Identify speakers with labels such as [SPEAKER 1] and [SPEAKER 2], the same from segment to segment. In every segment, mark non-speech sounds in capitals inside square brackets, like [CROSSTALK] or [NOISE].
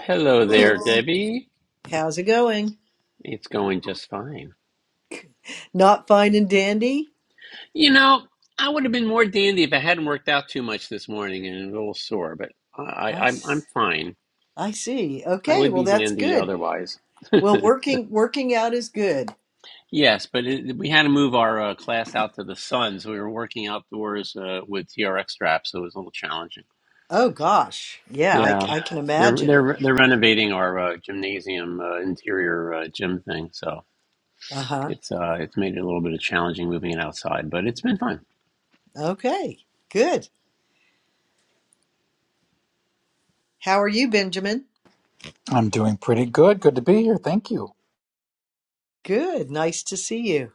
[SPEAKER 1] Hello there, Debbie.
[SPEAKER 2] How's it going?
[SPEAKER 1] It's going just fine.
[SPEAKER 2] Not fine and dandy?
[SPEAKER 1] You know, I would have been more dandy if I hadn't worked out too much this morning and a little sore, but I,
[SPEAKER 2] I,
[SPEAKER 1] I, I'm I'm
[SPEAKER 2] s-
[SPEAKER 1] fine.
[SPEAKER 2] I see.
[SPEAKER 1] I
[SPEAKER 2] Okay,
[SPEAKER 1] would
[SPEAKER 2] well
[SPEAKER 1] be
[SPEAKER 2] that's
[SPEAKER 1] dandy
[SPEAKER 2] good.
[SPEAKER 1] otherwise.
[SPEAKER 2] Well, working working out is good.
[SPEAKER 1] [LAUGHS] yes, but it, we had to move our uh, class out to the sun, so we were working outdoors uh, with TRX straps, so it was a little challenging.
[SPEAKER 2] Oh gosh. Yeah, I, c-
[SPEAKER 1] Yeah,
[SPEAKER 2] I can
[SPEAKER 1] they're
[SPEAKER 2] imagine.
[SPEAKER 1] they're they're renovating our uh, gymnasium uh, interior uh, gym thing, so
[SPEAKER 2] Uh-huh.
[SPEAKER 1] it's uh, it's made it a little bit of challenging moving it outside, but it's been fun.
[SPEAKER 2] Okay. Good. How are you, Benjamin?
[SPEAKER 3] I'm doing pretty good. Good to be here. Thank you.
[SPEAKER 2] Good. Nice to see you.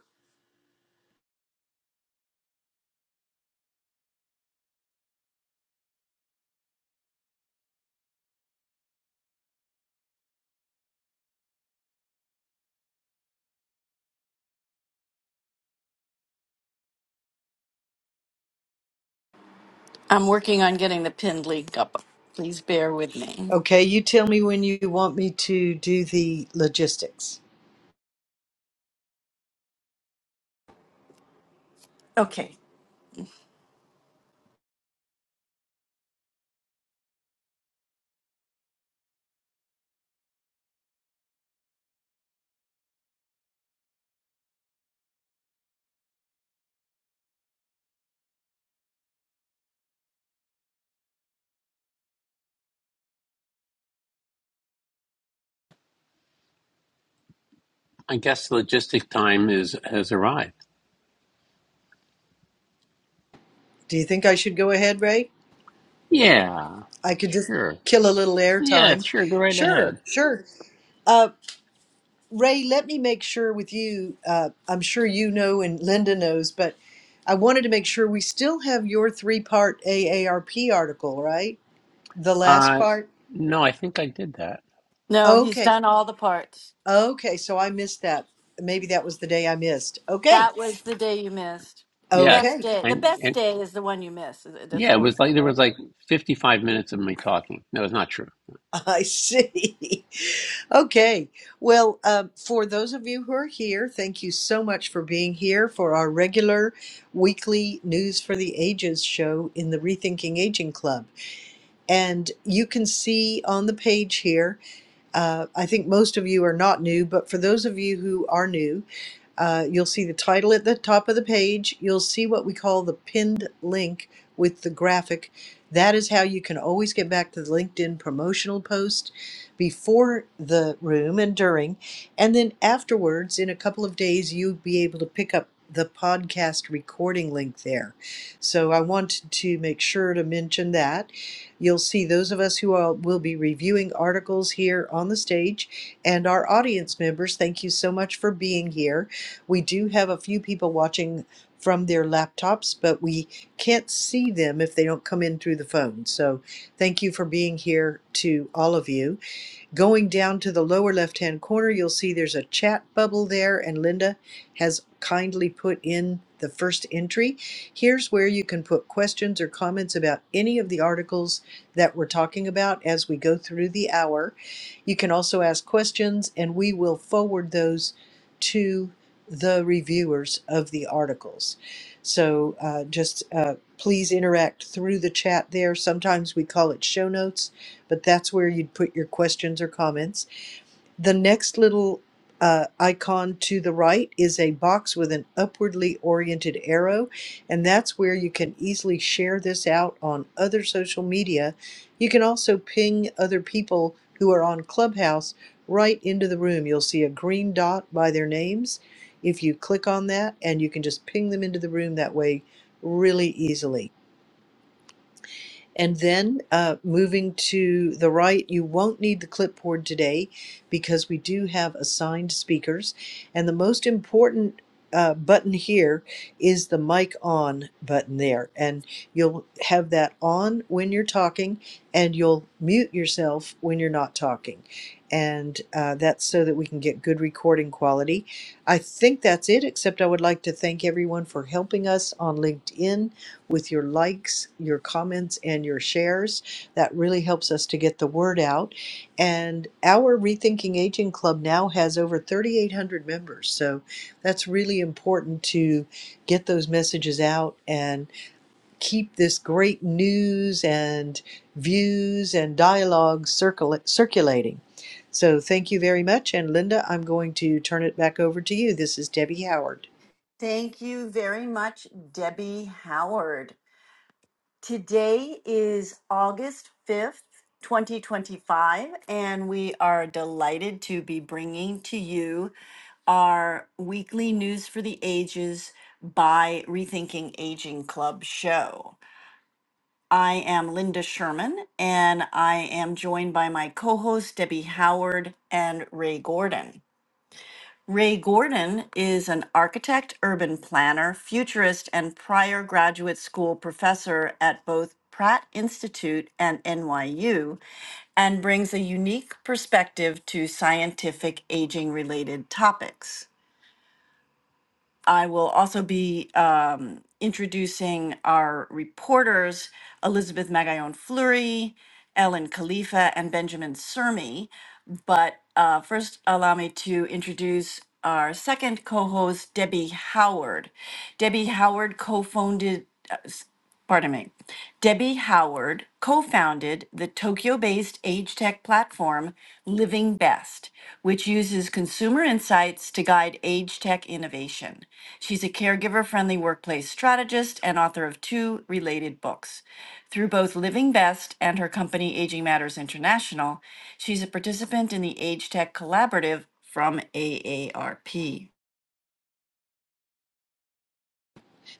[SPEAKER 4] I'm working on getting the pinned link up. Please bear with me.
[SPEAKER 2] Okay, you tell me when you want me to do the logistics.
[SPEAKER 4] Okay.
[SPEAKER 1] I guess logistic time is has arrived.
[SPEAKER 2] Do you think I should go ahead, Ray?
[SPEAKER 1] Yeah,
[SPEAKER 2] I could just
[SPEAKER 1] sure.
[SPEAKER 2] kill a little air
[SPEAKER 1] Yeah,
[SPEAKER 2] time.
[SPEAKER 1] sure. Go right ahead.
[SPEAKER 2] Sure, sure. Uh. Ray, let me make sure with you. Uh, I'm sure you know and Linda knows, but I wanted to make sure we still have your three part AARP article, right? The last
[SPEAKER 1] Uh,
[SPEAKER 2] part?
[SPEAKER 1] no, I think I did that.
[SPEAKER 4] No, he's
[SPEAKER 2] Okay.
[SPEAKER 4] done all the parts.
[SPEAKER 2] Okay. So I missed that. Maybe that was the day I missed. Okay.
[SPEAKER 4] That was the day you missed. The
[SPEAKER 1] Yes,
[SPEAKER 4] best
[SPEAKER 2] Okay.
[SPEAKER 4] day. The
[SPEAKER 1] and
[SPEAKER 4] best
[SPEAKER 1] and
[SPEAKER 4] day is the one you miss. That's
[SPEAKER 1] yeah, it
[SPEAKER 4] always
[SPEAKER 1] was like
[SPEAKER 4] that
[SPEAKER 1] there
[SPEAKER 4] way,
[SPEAKER 1] was like
[SPEAKER 4] right?
[SPEAKER 1] fifty five minutes of me talking. No, it's not true.
[SPEAKER 2] I see. [LAUGHS] okay. Well, um, for those of you who are here, thank you so much for being here for our regular weekly News for the Ages show in the Rethinking Aging Club. And you can see on the page here, uh, I think most of you are not new, but for those of you who are new, uh, you'll see the title at the top of the page. You'll see what we call the pinned link with the graphic. That is how you can always get back to the LinkedIn promotional post before the room and during. And then afterwards, in a couple of days, you'll be able to pick up the podcast recording link there. So I wanted to make sure to mention that. You'll see those of us who are, will be reviewing articles here on the stage and our audience members. Thank you so much for being here. We do have a few people watching from their laptops, but we can't see them if they don't come in through the phone. So thank you for being here to all of you. Going down to the lower left hand corner, you'll see there's a chat bubble there, and Linda has kindly put in the first entry. Here's where you can put questions or comments about any of the articles that we're talking about as we go through the hour. You can also ask questions, and we will forward those to the reviewers of the articles. So uh, just uh, please interact through the chat there. Sometimes we call it show notes but that's where you'd put your questions or comments. The next little uh, icon to the right is a box with an upwardly oriented arrow, and that's where you can easily share this out on other social media. You can also ping other people who are on Clubhouse right into the room. You'll see a green dot by their names. If you click on that, and you can just ping them into the room that way really easily. And then uh, moving to the right, you won't need the clipboard today because we do have assigned speakers. And the most important uh, button here is the mic on button there. And you'll have that on when you're talking and you'll mute yourself when you're not talking. And uh, that's so that we can get good recording quality. I think that's it, except I would like to thank everyone for helping us on LinkedIn with your likes, your comments, and your shares. That really helps us to get the word out. And our Rethinking Aging Club now has over 3,800 members. So that's really important to get those messages out and keep this great news and views and dialogue circul- circulating. So thank you very much. And Linda, I'm going to turn it back over to you. This is Debbie Howard.
[SPEAKER 4] Thank you very much, Debbie Howard. Today is August 5th, 2025, and we are delighted to be bringing to you our weekly News for the Ages by Rethinking Aging Club show. I am Linda Sherman, and I am joined by my co hosts, Debbie Howard and Ray Gordon. Ray Gordon is an architect, urban planner, futurist, and prior graduate school professor at both Pratt Institute and NYU, and brings a unique perspective to scientific aging related topics. I will also be um, introducing our reporters, Elizabeth Magallon Fleury, Ellen Khalifa, and Benjamin Sermi. But uh, first, allow me to introduce our second co host, Debbie Howard. Debbie Howard co founded pardon me, Debbie Howard co founded the Tokyo based age tech platform Living Best, which uses consumer insights to guide age tech innovation. She's a caregiver friendly workplace strategist and author of two related books. Through both Living Best and her company Aging Matters International, she's a participant in the Age Tech Collaborative from AARP.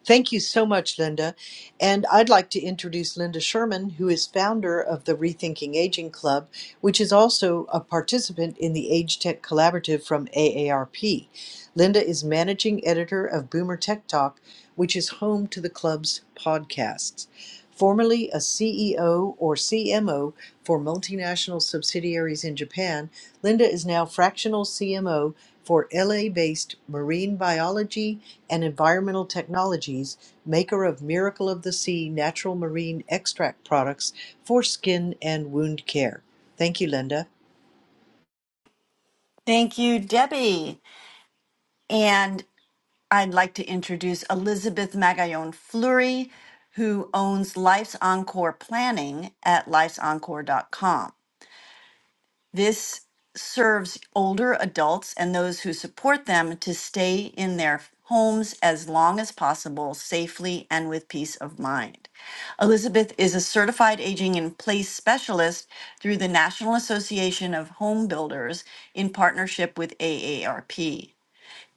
[SPEAKER 2] Thank you so much, Linda. And I'd like to introduce Linda Sherman, who is founder of the Rethinking Aging Club, which is also a participant in the Age Tech Collaborative from AARP. Linda is managing editor of Boomer Tech Talk, which is home to the club's podcasts. Formerly a CEO or CMO for multinational subsidiaries in Japan, Linda is now fractional CMO for LA-based Marine Biology and Environmental Technologies, maker of Miracle of the Sea natural marine extract products for skin and wound care. Thank you, Linda.
[SPEAKER 4] Thank you, Debbie. And I'd like to introduce Elizabeth Magallon Fleury, who owns Life's Encore Planning at lifesencore.com. This serves older adults and those who support them to stay in their homes as long as possible, safely and with peace of mind. Elizabeth is a certified aging in place specialist through the National Association of Home Builders in partnership with AARP.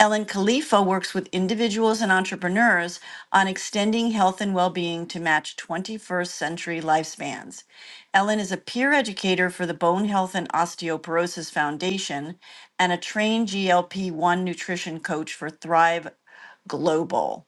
[SPEAKER 4] Ellen Khalifa works with individuals and entrepreneurs on extending health and well being to match 21st century lifespans. Ellen is a peer educator for the Bone Health and Osteoporosis Foundation and a trained GLP 1 nutrition coach for Thrive Global.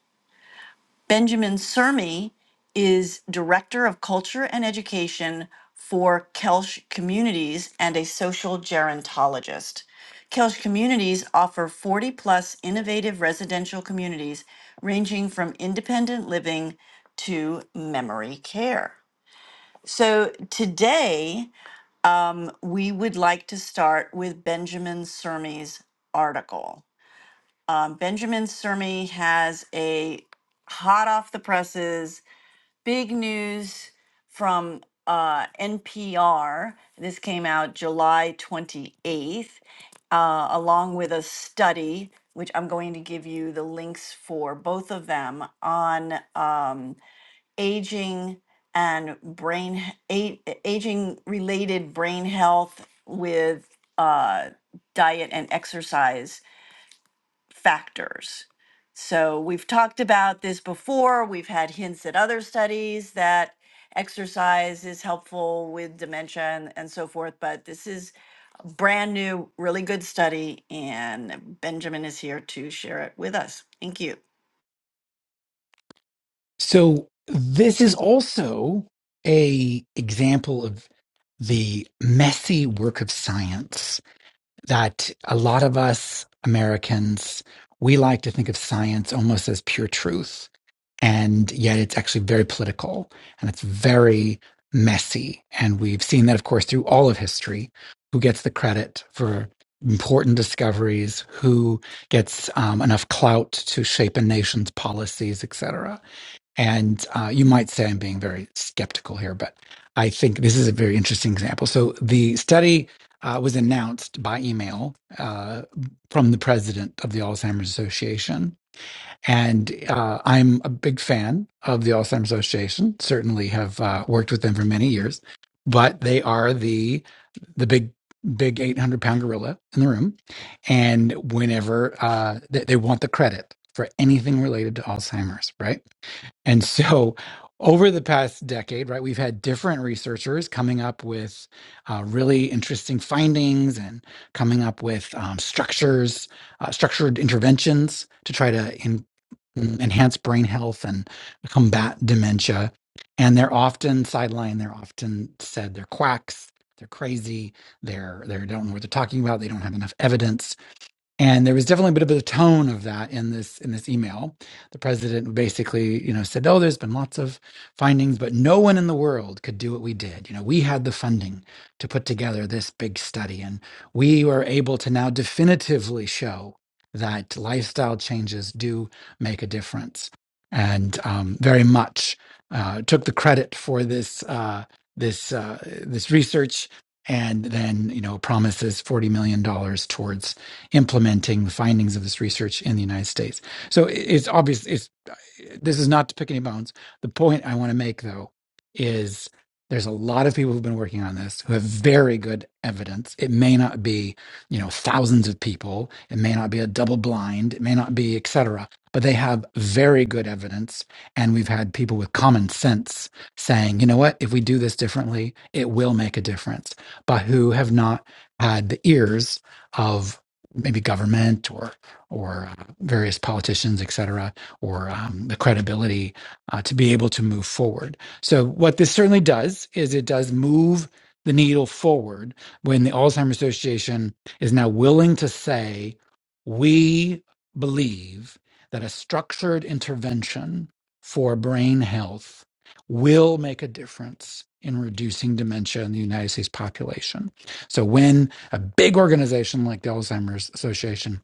[SPEAKER 4] Benjamin Sermi is Director of Culture and Education for Kelsch Communities and a social gerontologist. Kelsch Communities offer 40 plus innovative residential communities ranging from independent living to memory care. So today we would like to start with Benjamin Sermi's article. Um, Benjamin Sermi has a hot off the presses big news from uh, NPR. This came out July 28th, uh, along with a study, which I'm going to give you the links for both of them on um, aging and brain a- aging related brain health with uh, diet and exercise factors. So we've talked about this before. We've had hints at other studies that exercise is helpful with dementia and, and so forth, but this is a brand new, really good study, and Benjamin is here to share it with us. Thank you.
[SPEAKER 3] So this is also a example of the messy work of science that a lot of us Americans we like to think of science almost as pure truth and yet it's actually very political and it's very messy. And we've seen that, of course, through all of history. Who gets the credit for important discoveries? Who gets um, enough clout to shape a nation's policies, et cetera? And uh, you might say I'm being very skeptical here, but I think this is a very interesting example. So the study. Uh, was announced by email uh, from the president of the Alzheimer's Association and uh, I'm a big fan of the Alzheimer's Association. Certainly have uh, worked with them for many years, but they are the the big big 800 pound gorilla in the room. And whenever uh, they, they want the credit for anything related to Alzheimer's, right? And so, over the past decade, right, we've had different researchers coming up with uh, really interesting findings and coming up with um, structures, uh, structured interventions to try to en- mm, enhance brain health and combat dementia. And they're often sidelined. They're often said they're quacks. They're crazy. They're they don't know what they're talking about. They don't have enough evidence and there was definitely a bit of a tone of that in this in this email. The president basically, you know, said, "Oh, there's been lots of findings, but no one in the world could do what we did. You know, we had the funding to put together this big study, and we were able to now definitively show that lifestyle changes do make a difference." And um, very much uh, took the credit for this uh, this uh, this research, and then you know promises forty million dollars towards implementing the findings of this research in the United States. So it's obvious. It's this is not to pick any bones. The point I want to make though is there's a lot of people who've been working on this who have very good evidence. It may not be you know thousands of people. It may not be a double blind. It may not be et cetera. But they have very good evidence, and we've had people with common sense saying, you know what, if we do this differently, it will make a difference. But who have not had the ears of maybe government or or uh, various politicians, et cetera, or um, the credibility uh, to be able to move forward. So what this certainly does is it does move the needle forward when the Alzheimer's Association is now willing to say we believe that a structured intervention for brain health will make a difference in reducing dementia in the United States population. So when a big organization like the Alzheimer's Association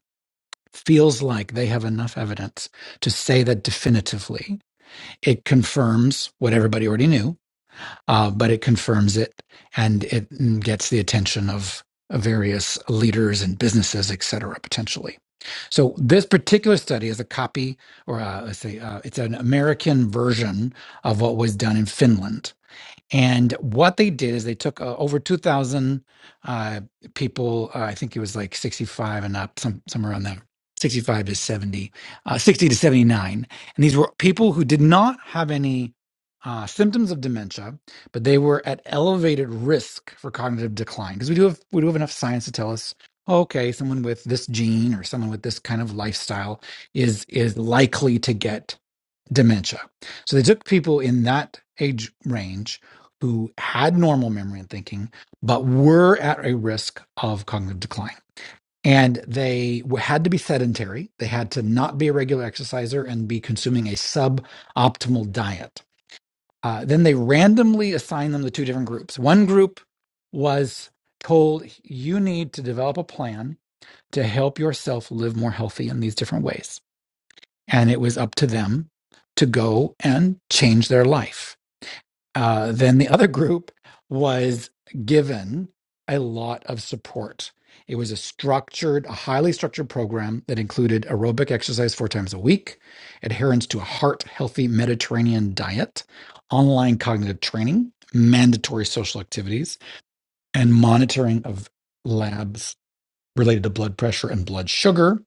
[SPEAKER 3] feels like they have enough evidence to say that definitively it confirms what everybody already knew, uh, but it confirms it and it gets the attention of various leaders and businesses, et cetera, potentially. So this particular study is a copy, or uh, let's say, uh, it's an American version of what was done in Finland and what they did is they took uh, over 2,000 uh, people. Uh, I think it was like 65 and up, some, somewhere around there, 65 to 70, uh, 60 to 79. And these were people who did not have any uh, symptoms of dementia, but they were at elevated risk for cognitive decline because we do have we do have enough science to tell us. oh, Okay, someone with this gene or someone with this kind of lifestyle is is likely to get dementia. So they took people in that age range who had normal memory and thinking, but were at a risk of cognitive decline. And they had to be sedentary. They had to not be a regular exerciser and be consuming a suboptimal diet. Uh, then they randomly assigned them to two different groups. One group was told, You need to develop a plan to help yourself live more healthy in these different ways and it was up to them to go and change their life. Uh, then the other group was given a lot of support. It was a structured, a highly structured program that included aerobic exercise four times a week, adherence to a heart healthy Mediterranean diet, online cognitive training, mandatory social activities, and monitoring of labs related to blood pressure and blood sugar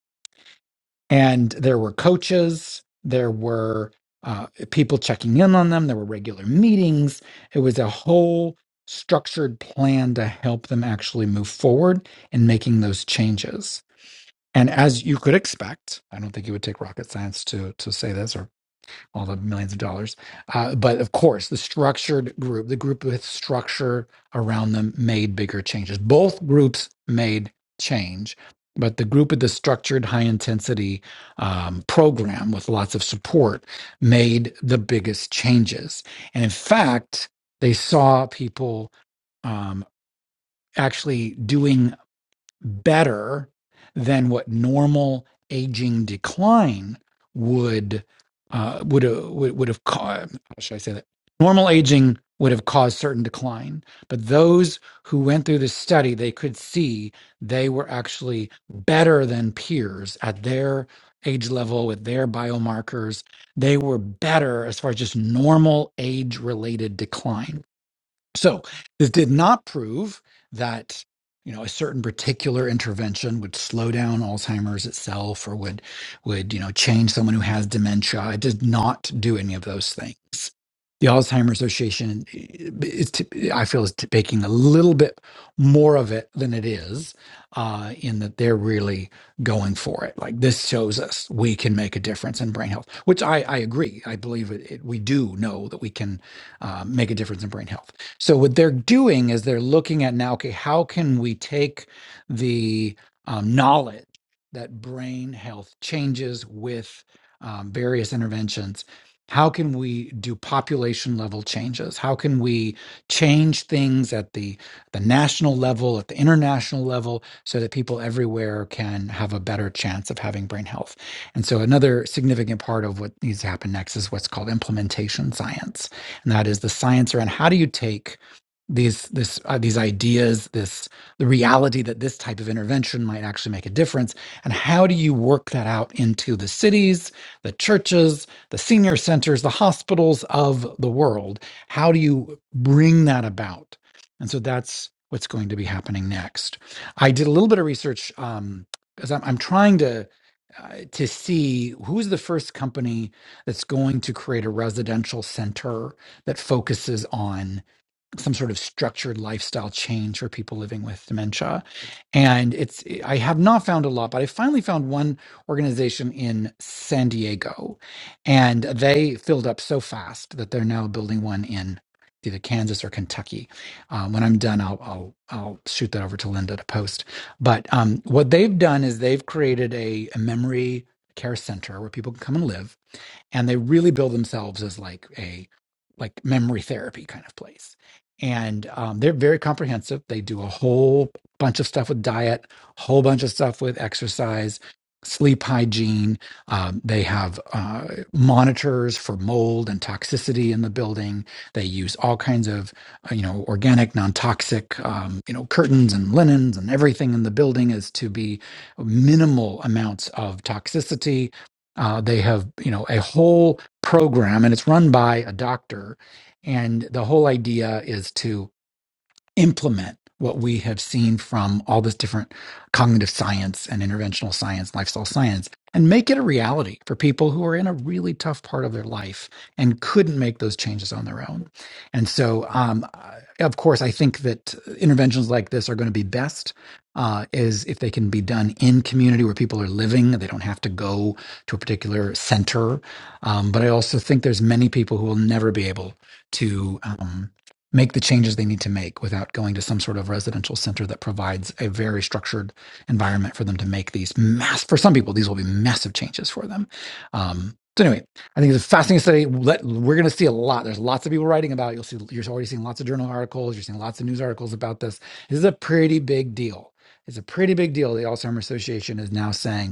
[SPEAKER 3] and there were coaches there were uh, people checking in on them there were regular meetings it was a whole structured plan to help them actually move forward in making those changes and as you could expect i don't think it would take rocket science to to say this or all the millions of dollars. Uh, but of course, the structured group, the group with structure around them, made bigger changes. Both groups made change, but the group with the structured, high intensity um, program with lots of support made the biggest changes. And in fact, they saw people. Um, actually doing better than what normal aging decline would uh, would have would, have caused. How should I say that? Normal aging would have caused certain decline, but those who went through this study, they could see they were actually better than peers at their age level with their biomarkers. They were better as far as just normal age related decline so this did not prove that you know a certain particular intervention would slow down Alzheimer's itself or would would you know change someone who has dementia. It did not do any of those things. The Alzheimer's Association is, t- I feel, is t- making a little bit more of it than it is, uh, in that they're really going for it. Like this shows us we can make a difference in brain health, which I, I agree. I believe it, it, we do know that we can uh, make a difference in brain health so what they're doing is they're looking at now, okay, how can we take the um, knowledge that brain health changes with um, various interventions? How can we do population level changes? How can we change things at the the national level, at the international level, so that people everywhere can have a better chance of having brain health? And so, another significant part of what needs to happen next is what's called implementation science and that is the science around how do you take these this uh, these ideas this the reality that this type of intervention might actually make a difference and how do you work that out into the cities the churches the senior centers the hospitals of the world how do you bring that about and so that's what's going to be happening next i did a little bit of research um because I'm, I'm trying to uh, to see who's the first company that's going to create a residential center that focuses on some sort of structured lifestyle change for people living with dementia. And it's I have not found a lot, but I finally found one organization in San Diego, and they filled up so fast that they're now building one in either Kansas or Kentucky. Um, when I'm done, I'll, I'll I'll shoot that over to Linda to post. But um, what they've done is they've created a, a memory care center where people can come and live and they really build themselves as like a like memory therapy kind of place and um, they're very comprehensive they do a whole bunch of stuff with diet whole bunch of stuff with exercise sleep hygiene um, they have uh, monitors for mold and toxicity in the building they use all kinds of uh, you know organic non-toxic um, you know curtains and linens and everything in the building is to be minimal amounts of toxicity uh, they have, you know, a whole program, and it's run by a doctor. And the whole idea is to implement what we have seen from all this different cognitive science and interventional science, lifestyle science, and make it a reality for people who are in a really tough part of their life and couldn't make those changes on their own. And so, um, I- of course, I think that interventions like this are going to be best. Uh, is if they can be done in community where people are living, they don't have to go to a particular center. Um, but I also think there's many people who will never be able to. um, make the changes they need to make without going to some sort of residential center that provides a very structured environment for them to make these mass for some people these will be massive changes for them um, so anyway i think it's a fascinating study Let, we're going to see a lot there's lots of people writing about it. you'll see you're already seeing lots of journal articles you're seeing lots of news articles about this this is a pretty big deal it's a pretty big deal the alzheimer's association is now saying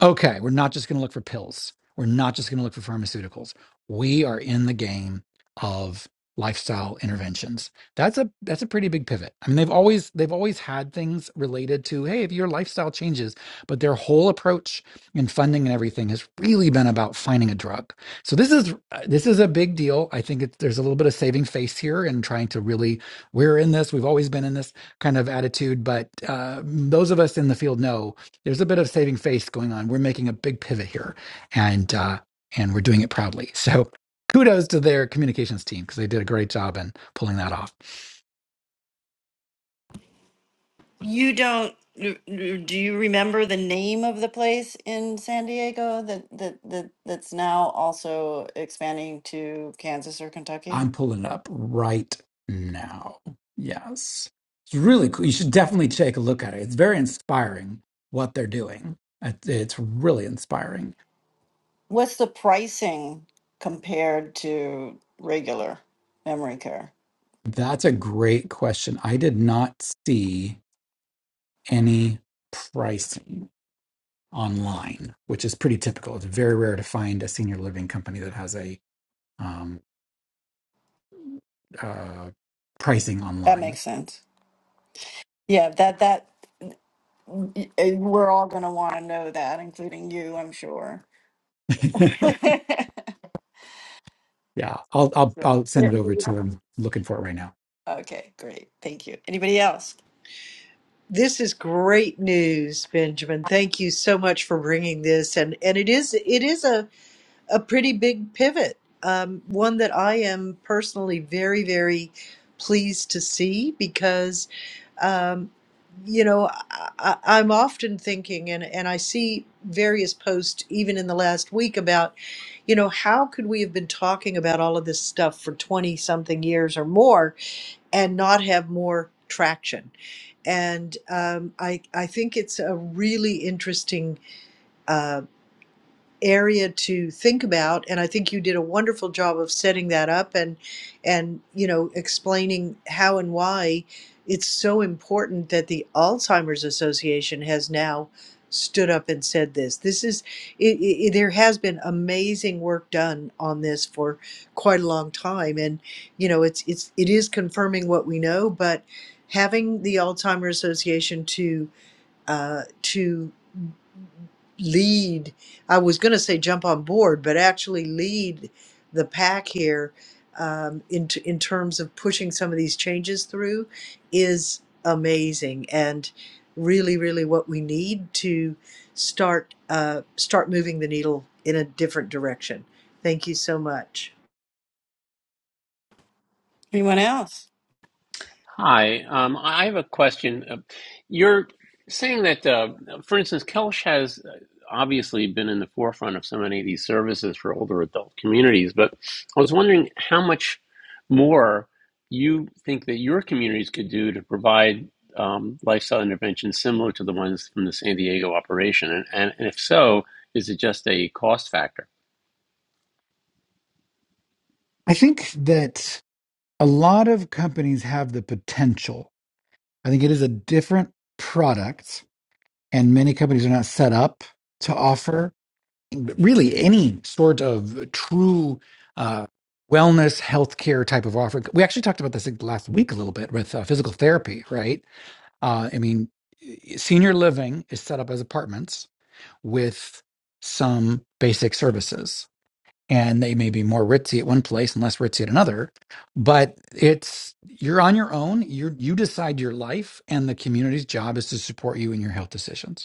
[SPEAKER 3] okay, we're not just going to look for pills. We're not just going to look for pharmaceuticals. We are in the game of lifestyle interventions. That's a that's a pretty big pivot. I mean, they've always they've always had things related to, hey, if your lifestyle changes, but their whole approach and funding and everything has really been about finding a drug. So this is uh, this is a big deal. I think it, there's a little bit of saving face here and trying to really we're in this, we've always been in this kind of attitude, but uh, those of us in the field know there's a bit of saving face going on. We're making a big pivot here, and uh, and we're doing it proudly. [LAUGHS] So kudos to their communications team because they did a great job in pulling that off.
[SPEAKER 4] You don't r- r- do you remember the name of the place in San Diego that that, that that's now also expanding to Kansas or Kentucky?
[SPEAKER 3] I'm pulling it up right now. Yes, it's really cool. You should definitely take a look at it. It's very inspiring what they're doing. It- It's really inspiring.
[SPEAKER 4] What's the pricing compared to regular memory care?
[SPEAKER 3] That's a great question. I did not see any pricing. online, which is pretty typical. It's very rare to find a senior living company that has a um, uh, pricing
[SPEAKER 4] That
[SPEAKER 3] online.
[SPEAKER 4] makes sense. Yeah, that that y- y- we're all going to want to know that, including you, I'm sure.
[SPEAKER 3] [LAUGHS]
[SPEAKER 4] [LAUGHS]
[SPEAKER 3] yeah, I'll, I'll
[SPEAKER 4] So,
[SPEAKER 3] I'll send
[SPEAKER 4] yeah.
[SPEAKER 3] it over to him. Looking for it right now.
[SPEAKER 4] Okay, great. Thank you. Anybody else?
[SPEAKER 2] This is great news, Benjamin. Thank you so much for bringing this, and and it is it is a a pretty big pivot, um, one that I am personally very, very pleased to see because, um, you know, I, I- I'm often thinking, and, and I see various posts even in the last week about, you know, how could we have been talking about all of this stuff for 20 something years or more and not have more traction? And um, I, I think it's a really interesting uh, area to think about and i think you did a wonderful job of setting that up and and you know explaining how and why it's so important that the alzheimer's association has now stood up and said this this is it, it, there has been amazing work done on this for quite a long time and you know it's it's it is confirming what we know but having the alzheimer's association to uh, to lead. I was going to say jump on board, but actually lead the pack here um, in t- in terms of pushing some of these changes through is amazing and really, really what we need to start uh, start moving the needle in a different direction. Thank you so much.
[SPEAKER 4] Anyone else?
[SPEAKER 1] Hi, um, I have a question. Uh, You're saying that, uh, for instance, Kelsh has uh, obviously been in the forefront of so many of these services for older adult communities, but I was wondering how much more you think that your communities could do to provide um, lifestyle interventions similar to the ones from the San Diego operation, and, and, and if so, is it just a cost factor?
[SPEAKER 3] I think that a lot of companies have the potential. I think it is a different product and many companies are not set up to offer really any sort of true uh, wellness healthcare type of offer. We actually talked about this like, last week a little bit with uh, physical therapy, right? Uh, I mean, senior living is set up as apartments with some basic services. And they may be more ritzy at one place and less ritzy at another, but it's you're on your own. You you decide your life, and the community's job is to support you in your health decisions.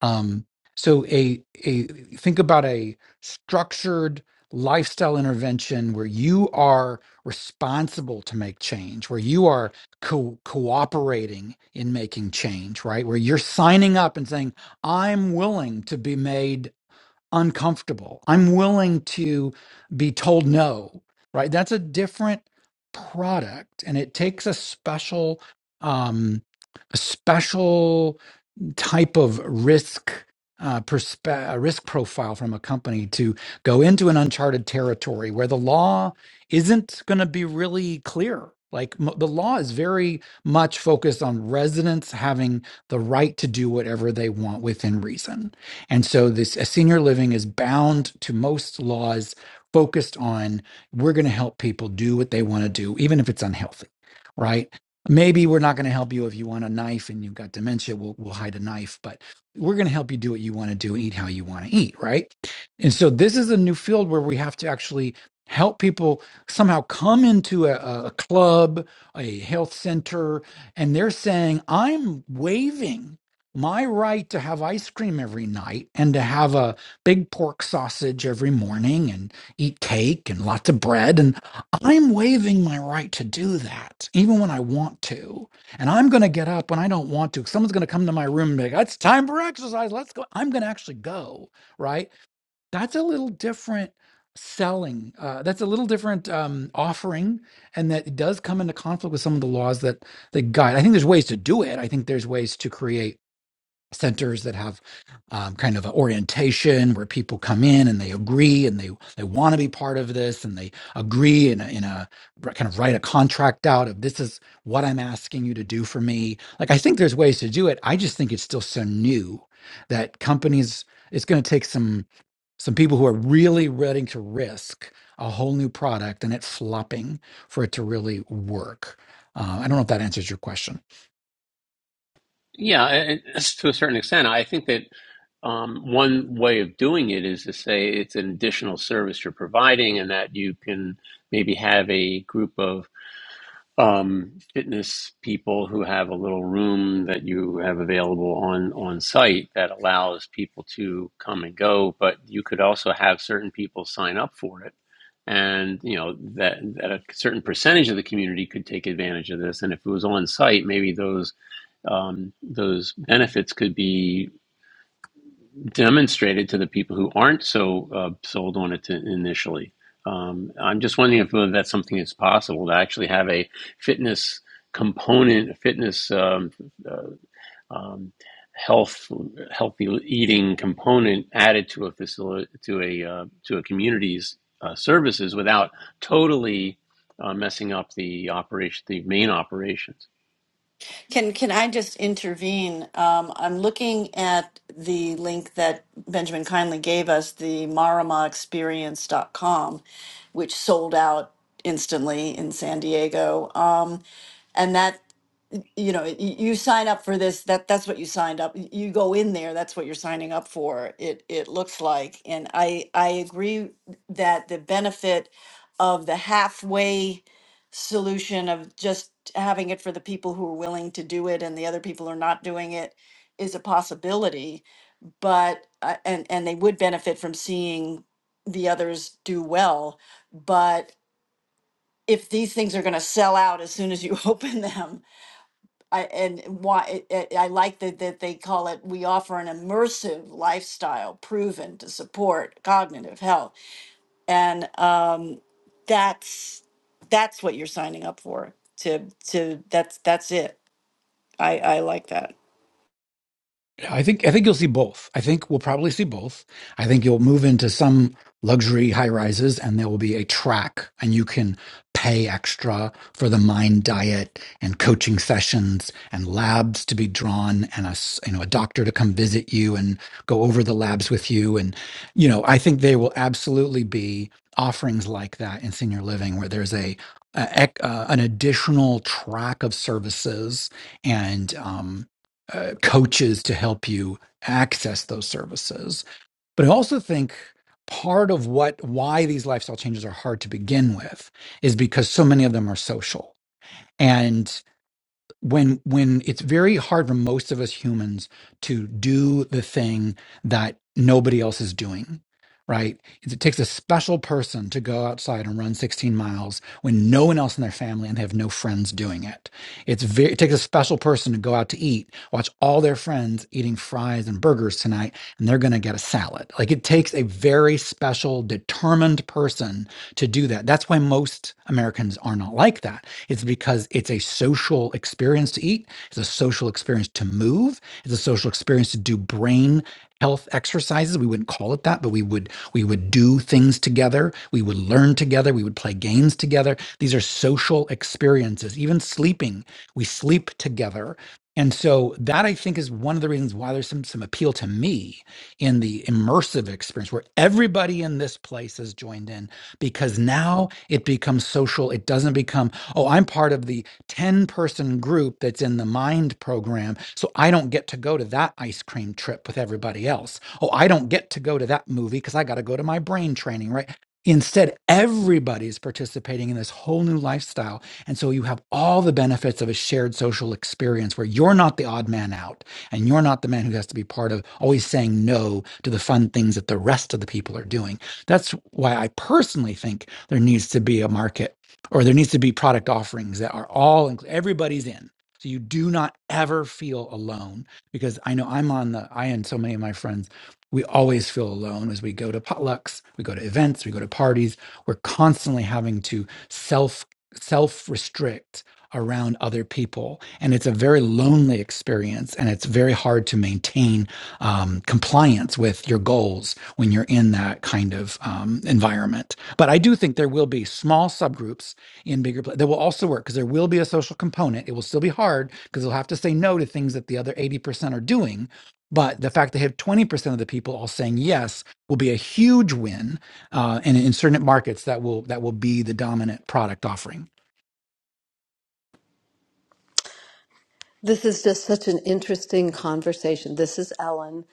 [SPEAKER 3] Um, so a a think about a structured lifestyle intervention where you are responsible to make change, where you are co- cooperating in making change, right? Where you're signing up and saying, "I'm willing to be made uncomfortable. I'm willing to be told no." Right? That's a different product, and it takes a special um, a special type of risk uh, perspe- uh, risk profile from a company to go into an uncharted territory where the law isn't going to be really clear. Like m- the law is very much focused on residents having the right to do whatever they want within reason. And so this a senior living is bound to most laws focused on we're going to help people do what they want to do, even if it's unhealthy. Right maybe we're not going to help you if you want a knife and you've got dementia we'll, we'll hide a knife but we're going to help you do what you want to do and eat how you want to eat right and so this is a new field where we have to actually help people somehow come into a, a a club a health center and they're saying i'm waiving my right to have ice cream every night and to have a big pork sausage every morning and eat cake and lots of bread I'm waiving my right to do that, even when I want to. And I'm going to get up when I don't want to. Someone's going to come to my room and be like, it's time for exercise. Let's go. I'm going to actually go. Right. That's a little different selling. Uh, that's a little different um, offering. And that it does come into conflict with some of the laws that, that guide. I think there's ways to do it. I think there's ways to create centers that have um, kind of an orientation where people come in and they agree and they they want to be part of this and they agree in a, in a kind of write a contract out of this is what I'm asking you to do for me. Like I think there's ways to do it. I just think it's still so new that companies it's going to take some some people who are really ready to risk a whole new product and it flopping for it to really work. Uh, I don't know if that answers your question.
[SPEAKER 1] Yeah, and to a certain extent, I think that um, one way of doing it is to say it's an additional service you're providing, and that you can maybe have a group of um, fitness people who have a little room that you have available on on site that allows people to come and go. But you could also have certain people sign up for it, and you know that that a certain percentage of the community could take advantage of this. And if it was on site, maybe those um, those benefits could be demonstrated to the people who aren't so uh, sold on it to initially. Um, I'm just wondering if whether that's something that's possible to actually have a fitness component, a fitness um, uh, um, health, healthy eating component added to a facility, to a uh, to a community's uh, services without totally uh, messing up the operation, the main operations.
[SPEAKER 4] Can can I just intervene? Um, I'm looking at the link that Benjamin kindly gave us, the marama experience dot com, which sold out instantly in San Diego. Um, and that you know y- you sign up for this that that's what you signed up you go in there that's what you're signing up for it it looks like and i i agree that the benefit of the halfway solution of just having it for the people who are willing to do it and the other people are not doing it is a possibility but uh, and and they would benefit from seeing the others do well but if these things are going to sell out as soon as you [LAUGHS] open them I and why it, it, I like that that they call it. We offer an immersive lifestyle proven to support cognitive health, and um, that's that's what you're signing up for. To to that's that's it. I I like that.
[SPEAKER 3] Yeah, I think I think you'll see both. I think we'll probably see both. I think you'll move into some luxury high rises, and there will be a track, and you can pay extra for the mind diet and coaching sessions and labs to be drawn, and a s- you know a doctor to come visit you and go over the labs with you, and you know I think there will absolutely be offerings like that in senior living where there's a, a ec- uh, an additional track of services and. Um, uh, coaches to help you access those services. But I also think part of what why these lifestyle changes are hard to begin with is because so many of them are social. and when when it's very hard for most of us humans to do the thing that nobody else is doing right it it takes a special person to go outside and run 16 miles when no one else in their family and they have no friends doing it it's very it takes a special person to go out to eat watch all their friends eating fries and burgers tonight and they're going to get a salad like it takes a very special determined person to do that that's why most americans are not like that it's because it's a social experience to eat, it's a social experience to move, it's a social experience to do brain health exercises. We wouldn't call it that, but we would we would do things together, we would learn together, we would play games together. These are social experiences. Even sleeping, we sleep together. And so that I think is one of the reasons why there's some some appeal to me in the immersive experience where everybody in this place has joined in because now it becomes social. It doesn't become, oh, I'm part of the 10 person group that's in the mind program. So I don't get to go to that ice cream trip with everybody else. Oh, I don't get to go to that movie because I got to go to my brain training, right? Instead, everybody's participating in this whole new lifestyle. And so you have all the benefits of a shared social experience where you're not the odd man out and you're not the man who has to be part of always saying no to the fun things that the rest of the people are doing that's why I personally think there needs to be a market or there needs to be product offerings that are all inclu- everybody's in. So you do not ever feel alone because I know I'm on the I and so many of my friends we always feel alone as we go to potlucks, we go to events, we go to parties. We're constantly having to self self restrict around other people, and it's a very lonely experience, and it's very hard to maintain um, compliance with your goals when you're in that kind of um, environment. But I do think there will be small subgroups in bigger pla that will also work because there will be a social component. It will still be hard because they'll have to say no to things that the other 80% are doing. But the fact they have 20% of the people all saying yes will be a huge win. Uh, and in certain markets, that will that will be the dominant product offering.
[SPEAKER 5] This is just such an interesting conversation. This is Ellen.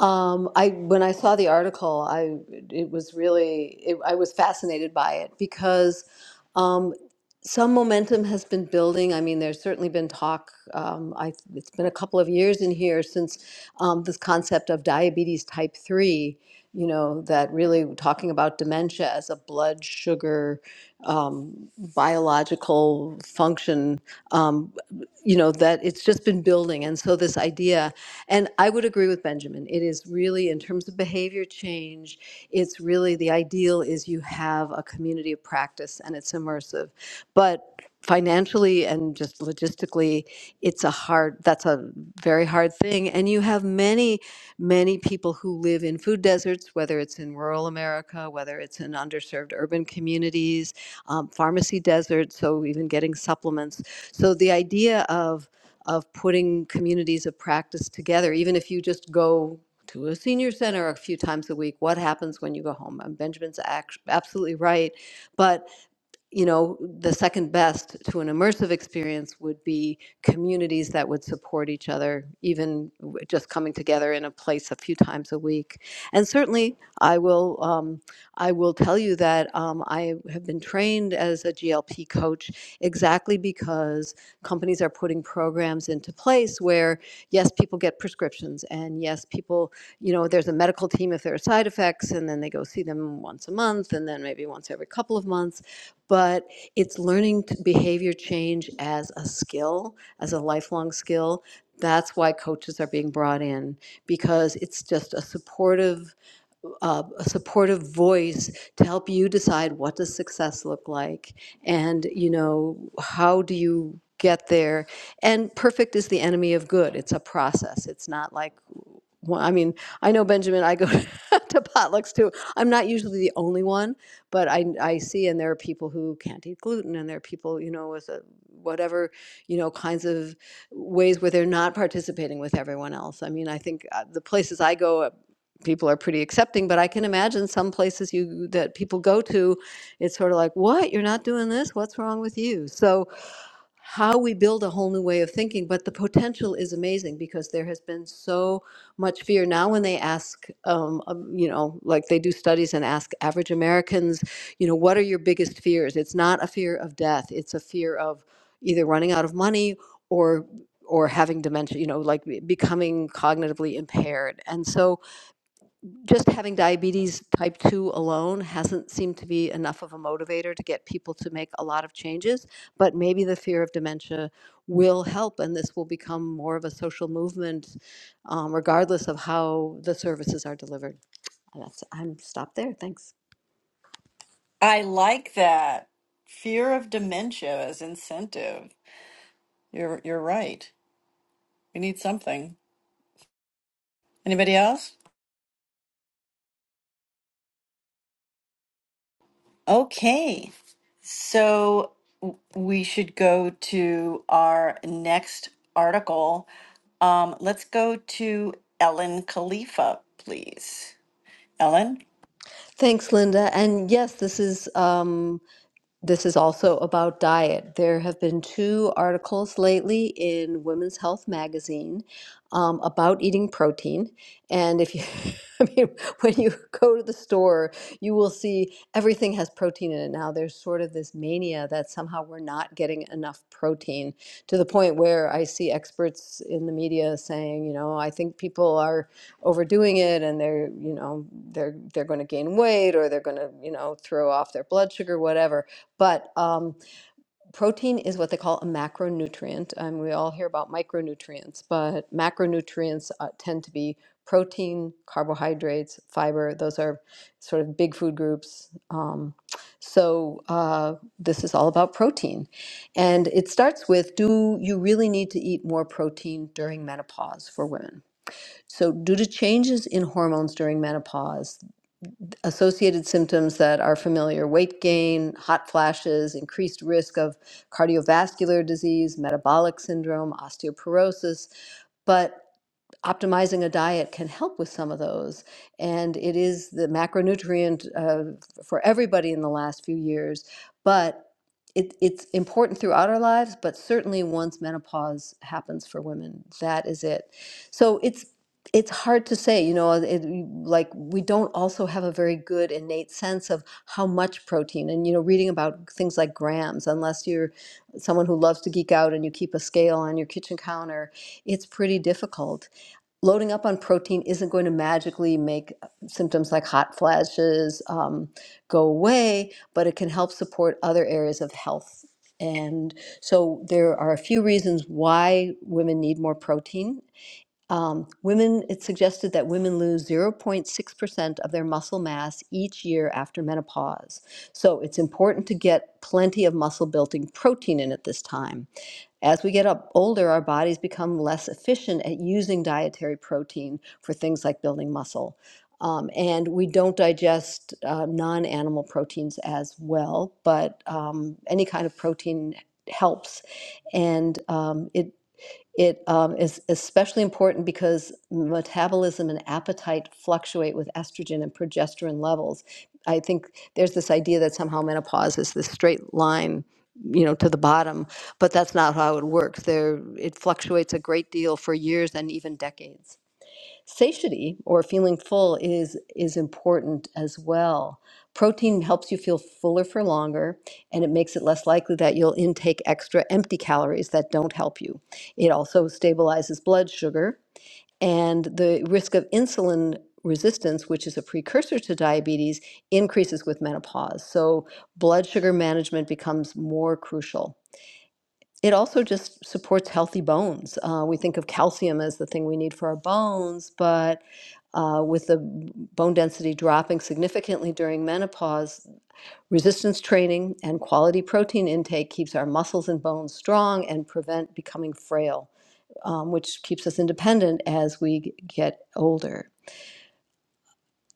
[SPEAKER 5] Um, I when I saw the article, I it was really it, I was fascinated by it because um, some momentum has been building. I mean, there's certainly been talk. Um, I, it's been a couple of years in here since um, this concept of diabetes type three. You know that really talking about dementia as a blood sugar um, biological function. Um, you know that it's just been building and so this idea and i would agree with benjamin it is really in terms of behavior change it's really the ideal is you have a community of practice and it's immersive but financially and just logistically it's a hard that's a very hard thing and you have many many people who live in food deserts whether it's in rural america whether it's in underserved urban communities um, pharmacy deserts so even getting supplements so the idea of of putting communities of practice together, even if you just go to a senior center a few times a week, what happens when you go home? And Benjamin's act- absolutely right, but you know, the second best to an immersive experience would be communities that would support each other, even w- just coming together in a place a few times a week. And certainly, I will, um, I will tell you that um, I have been trained as a GLP coach exactly because companies are putting programs into place where, yes, people get prescriptions, and yes, people, you know, there's a medical team if there are side effects, and then they go see them once a month, and then maybe once every couple of months but it's learning to behavior change as a skill, as a lifelong skill. That's why coaches are being brought in because it's just a supportive uh, a supportive voice to help you decide what does success look like and you know how do you get there and perfect is the enemy of good it's a process it's not like well, I mean, I know Benjamin. I go [LAUGHS] to potlucks too. I'm not usually the only one, but I I see, and there are people who can't eat gluten, and there are people, you know, with a, whatever, you know, kinds of ways where they're not participating with everyone else. I mean, I think uh, the places I go, people are pretty accepting but i can imagine some places you that people go to it's sort of like what you're not doing this what's wrong with you so how we build a whole new way of thinking but the potential is amazing because there has been so much fear now when they ask um, um, you know like they do studies and ask average americans you know what are your biggest fears it's not a fear of death it's a fear of either running out of money or or having dementia you know like be- becoming cognitively impaired and so just having diabetes type 2 alone hasn't seemed to be enough of a motivator to get people to make a lot of changes but maybe the fear of dementia will help and this will become more of a social movement um, regardless of how the services are delivered that's i'm stopped there thanks
[SPEAKER 4] I like that fear of dementia as incentive. You're you're right. We need something. Anybody else? Okay, so w- we should go to our next article. Um, let's go to Ellen Khalifa, please. Ellen?
[SPEAKER 5] thanks linda and yes this is um, This is also about diet. There have been two articles lately in Women's Health magazine um, about eating protein. And if you, [LAUGHS] I mean, when you go to the store, you will see everything has protein in it now. There's sort of this mania that somehow we're not getting enough protein to the point where I see experts in the media saying, you know, I think people are overdoing it and they're, you know, they're they're going to gain weight or they're going to, you know, throw off their blood sugar, whatever but um, protein is what they call a macronutrient. And we all hear about micronutrients, but macronutrients uh, tend to be protein, carbohydrates, fiber. Those are sort of big food groups. Um, so uh, this is all about protein. And it starts with do you really need to eat more protein during menopause for women? So, due to changes in hormones during menopause, associated symptoms that are familiar weight gain, hot flashes, increased risk of cardiovascular disease, metabolic syndrome, osteoporosis. but optimizing a diet can help with some of those. And it is the macronutrient uh, for everybody in the last few years. But it, it's important throughout our lives, but certainly once menopause happens for women, that is it. So it's it's hard to say, you know, it, like we don't also have a very good innate sense of how much protein. And you know, reading about things like grams, unless you're someone who loves to geek out and you keep a scale on your kitchen counter, it's pretty difficult loading up on protein isn't going to magically make uh, symptoms like hot flashes um, go away, but it can help support other areas of health. And so there are a few reasons why women need more protein. Um, women, it's suggested that women lose 0.6% of their muscle mass each year after menopause. So it's important to get plenty of muscle building protein in at this time. As we get up older, our bodies become less efficient at using dietary protein for things like building muscle. Um, and we don't digest uh, non animal proteins as well, but um, any kind of protein helps. And um, it it um, is especially important because metabolism and appetite fluctuate with estrogen and progesterone levels. I think there's this idea that somehow menopause is this straight line, you know, to the bottom, but that's not how it works. There, it fluctuates a great deal for years and even decades satiety or feeling full is is important as well protein helps you feel fuller for longer and it makes it less likely that you'll intake extra empty calories that don't help you it also stabilizes blood sugar and the risk of insulin resistance which is a precursor to diabetes increases with menopause so blood sugar management becomes more crucial it also just supports healthy bones. Uh, we think of calcium as the thing we need for our bones, but uh, with the bone density dropping significantly during menopause, resistance training and quality protein intake keeps our muscles and bones strong and prevent becoming frail, um, which keeps us independent as we g- get older.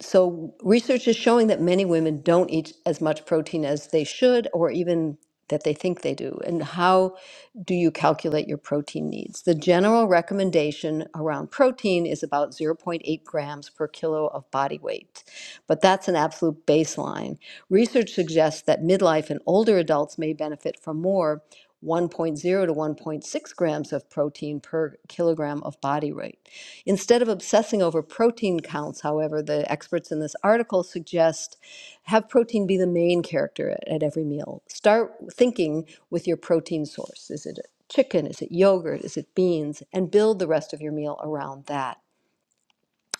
[SPEAKER 5] So, research is showing that many women don't eat as much protein as they should, or even that they think they do. And how do you calculate your protein needs? The general recommendation around protein is about zero point 0.8 grams per kilo of body weight, but that's an absolute baseline. Research suggests that midlife and older adults may benefit from more. 1.0 to 1.6 grams of protein per kilogram of body weight. Instead of obsessing over protein counts, however, the experts in this article suggest have protein be the main character at, at every meal. Start thinking with your protein source. Is it chicken? Is it yogurt? Is it beans? And build the rest of your meal around that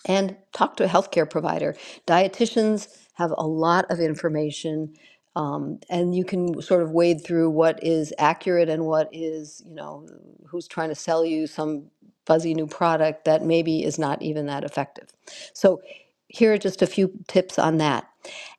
[SPEAKER 5] and talk to a healthcare provider. Dietitians have a lot of information, um, and you can sort of wade through what is accurate and what is, you know, who's trying to sell you some fuzzy new product that maybe is not even that effective. So, here are just a few tips on that.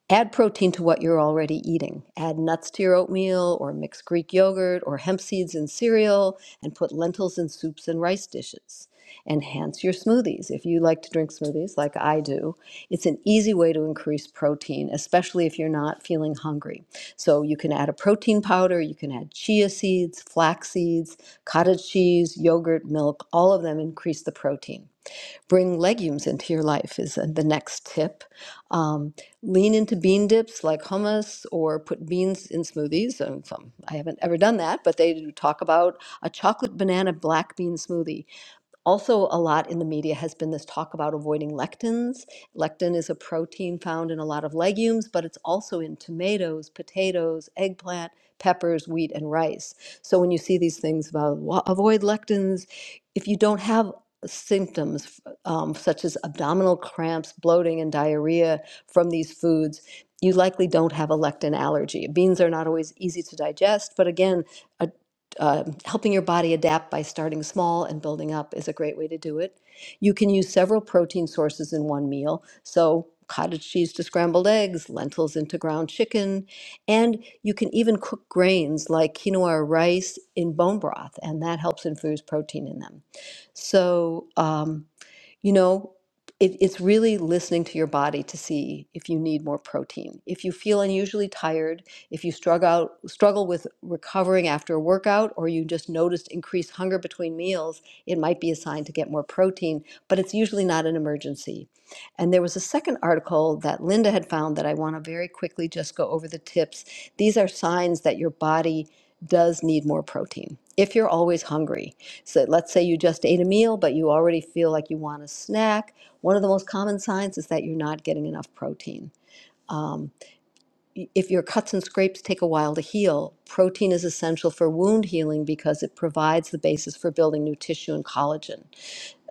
[SPEAKER 5] Add protein to what you're already eating. Add nuts to your oatmeal or mix Greek yogurt or hemp seeds in cereal and put lentils in soups and rice dishes. Enhance your smoothies. If you like to drink smoothies like I do, it's an easy way to increase protein, especially if you're not feeling hungry. So you can add a protein powder, you can add chia seeds, flax seeds, cottage cheese, yogurt, milk, all of them increase the protein. Bring legumes into your life is uh, the next tip. Um, lean into bean dips like hummus or put beans in smoothies. Um, some- I haven't ever done that, but they do talk about a chocolate banana black bean smoothie also, a lot in the media has been this talk about avoiding lectins. Lectin is a protein found in a lot of legumes, but it's also in tomatoes, potatoes, eggplant, peppers, wheat, and rice. So when you see these things about "Wa- avoid lectins, if you don't have symptoms um, such as abdominal cramps, bloating, and diarrhea from these foods, you likely don't have a lectin allergy. Beans are not always easy to digest, but again, a uh, helping your body adapt by starting small and building up is a great way to do it. You can use several protein sources in one meal. So, cottage cheese to scrambled eggs, lentils into ground chicken, and you can even cook grains like quinoa or rice in bone broth, and that helps infuse protein in them. So, um, you know, it, it's really listening to your body to see if you need more protein. If you feel unusually tired, if you struggle struggle with recovering after a workout, or you just noticed increased hunger between meals, it might be a sign to get more protein. But it's usually not an emergency. And there was a second article that Linda had found that I want to very quickly just go over the tips. These are signs that your body does need more protein. If you're always hungry, so let's say you just ate a meal, but you already feel like you want a snack. One of the most common signs is that you're not getting enough protein. If your cuts and scrapes take a while to heal, protein is essential for wound healing because it provides the basis for building new tissue and collagen.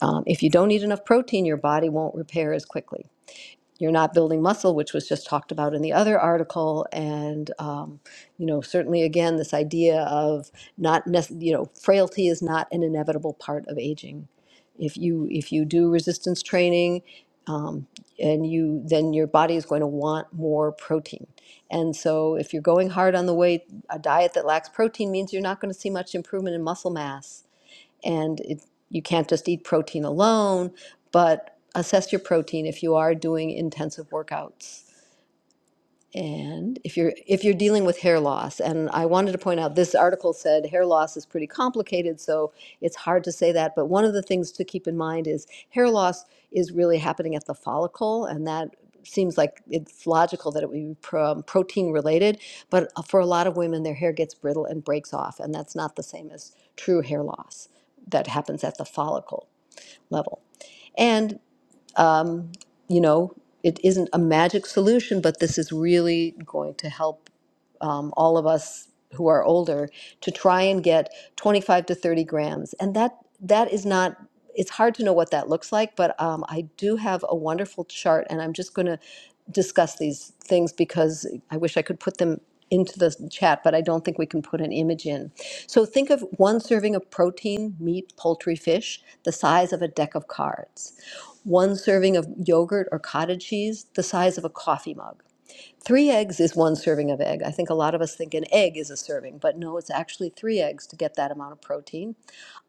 [SPEAKER 5] Um, if you don't eat enough protein, your body won't repair as quickly you're not building muscle, which was just talked about in the other article. And, um, you know, certainly again, this idea of not, nec- you know, frailty is not an inevitable part of aging. If you, if you do resistance training, um, and you, then your body is going to want more protein. And so if you're going hard on the weight, a diet that lacks protein means you're not going to see much improvement in muscle mass and it, you can't just eat protein alone, but assess your protein if you are doing intensive workouts and if you're if you're dealing with hair loss, and I wanted to point out this article said hair loss is pretty complicated, so it's hard to say that. But one of the things to keep in mind is hair loss is really happening at the follicle, and that seems like it's logical that it would be pro- um, protein related. But uh, for a lot of women, their hair gets brittle and breaks off, and that's not the same as true hair loss that happens at the follicle level. And um, you know, it isn't a magic solution, but this is really going to help um, all of us who are older to try and get 25 to 30 grams and that that is not it's hard to know what that looks like but um, i do have a wonderful chart and i'm just going to discuss these things because i wish i could put them into the chat but i don't think we can put an image in so think of one serving of protein meat poultry fish the size of a deck of cards one serving of yogurt or cottage cheese the size of a coffee mug Three eggs is one serving of egg. I think a lot of us think an egg is a serving, but no, it's actually three eggs to get that amount of protein.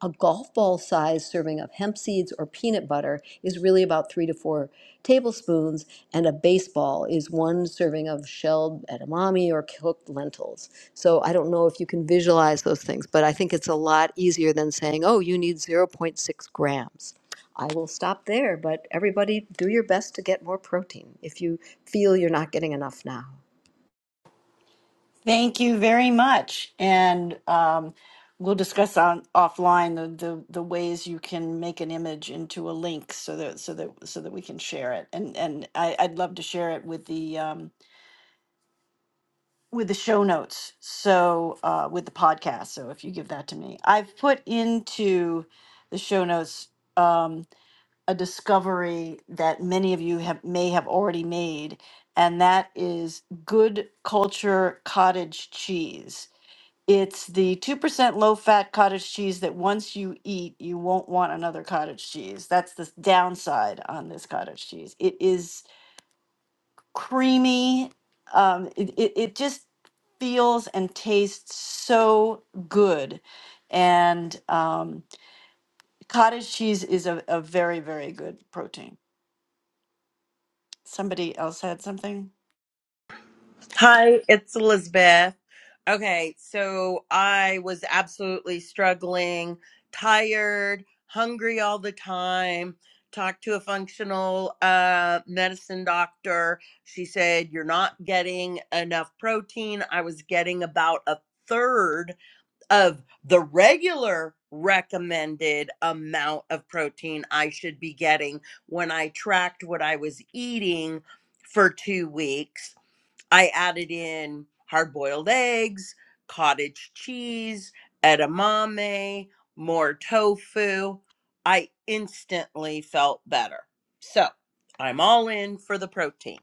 [SPEAKER 5] A golf ball size serving of hemp seeds or peanut butter is really about three to four tablespoons, and a baseball is one serving of shelled edamame or cooked lentils. So I don't know if you can visualize those things, but I think it's a lot easier than saying, oh, you need zero point 0.6 grams. I will stop there, but everybody do your best to get more protein if you feel you're not getting enough now.
[SPEAKER 4] Thank you very much. And um, we'll discuss on offline the, the, the ways you can make an image into a link so that so that so that we can share it. And and I, I'd love to share it with the um, with the show notes. So uh, with the podcast. So if you give that to me, I've put into the show notes um, a discovery that many of you have may have already made, and that is good culture cottage cheese. It's the 2% low fat cottage cheese that once you eat, you won't want another cottage cheese. That's the downside on this cottage cheese. It is creamy. Um, it, it, it just feels and tastes so good. And um, cottage cheese is a, a very, very good protein. Somebody else had something?
[SPEAKER 6] Hi, it's Elizabeth. Okay, so I was absolutely struggling, tired, hungry all the time. Talked to a functional uh, medicine doctor. She said, You're not getting enough protein. I was getting about a third of the regular recommended amount of protein I should be getting when I tracked what I was eating for two weeks I added in hard boiled eggs, cottage cheese, edamame, more tofu. I instantly felt better. So I'm all in for the protein.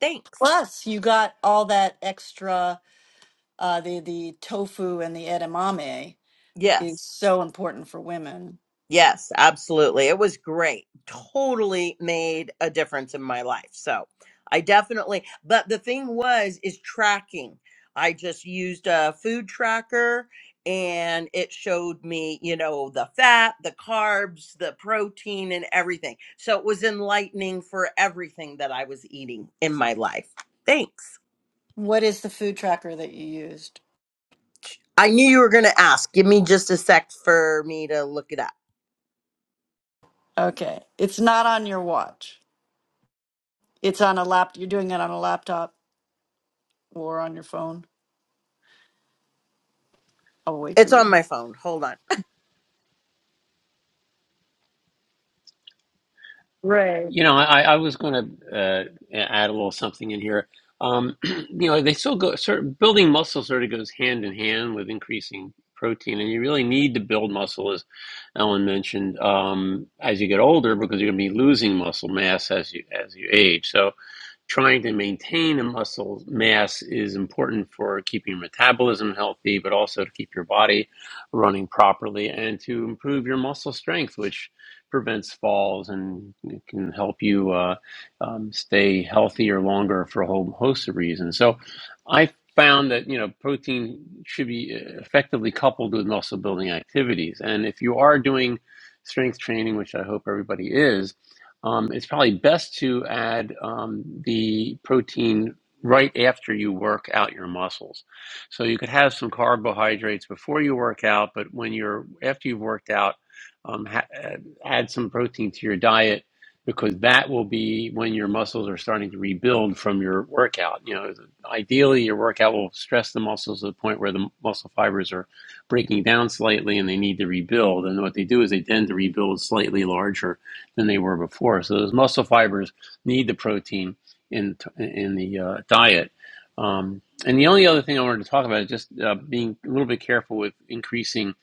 [SPEAKER 6] Thanks.
[SPEAKER 4] Plus, you got all that extra, uh, the, the tofu and the edamame is
[SPEAKER 6] Yes.
[SPEAKER 4] so important for women.
[SPEAKER 6] Yes, absolutely. It was great. Totally made a difference in my life. So I definitely, but the thing was, is tracking. I just used a food tracker and it showed me, you know, the fat, the carbs, the protein, and everything. So it was enlightening for everything that I was eating in my life. Thanks.
[SPEAKER 4] What is the food tracker that you used?
[SPEAKER 6] I knew you were going to ask. Give me just a sec for me to look it up.
[SPEAKER 4] Okay. It's not on your watch. It's on a lap. You're doing it on a laptop or on your phone. I'll wait for
[SPEAKER 6] It's on
[SPEAKER 4] you.
[SPEAKER 6] my phone. Hold on.
[SPEAKER 4] Ray.
[SPEAKER 1] You know, I, I was going to uh, add a little something in here. Um, [CLEARS THROAT] you know, they still go. Sort of building muscle sort of goes hand in hand with increasing protein, and you really need to build muscle, as Ellen mentioned, um, as you get older because you're going to be losing muscle mass as you as you age. So, trying to maintain a muscle mass is important for keeping your metabolism healthy, but also to keep your body running properly and to improve your muscle strength, which prevents falls and it can help you uh, um, stay healthier longer for a whole host of reasons. So I found that you know protein should be uh, effectively coupled with muscle building activities and if you are doing strength training which i hope everybody is um, it's probably best to add um, the protein right after you work out your muscles. So you could have some carbohydrates before you work out, but when you're after you've worked out, um, ha- uh, add some protein to your diet because that will be when your muscles are starting to rebuild from your workout. You know, ideally your workout will stress the muscles to the point where the muscle fibers are breaking down slightly and they need to rebuild. And what they do is they tend to rebuild slightly larger than they were before. So those muscle fibers need the protein in in the uh, diet. Um, and the only other thing I wanted to talk about is just uh, being a little bit careful with increasing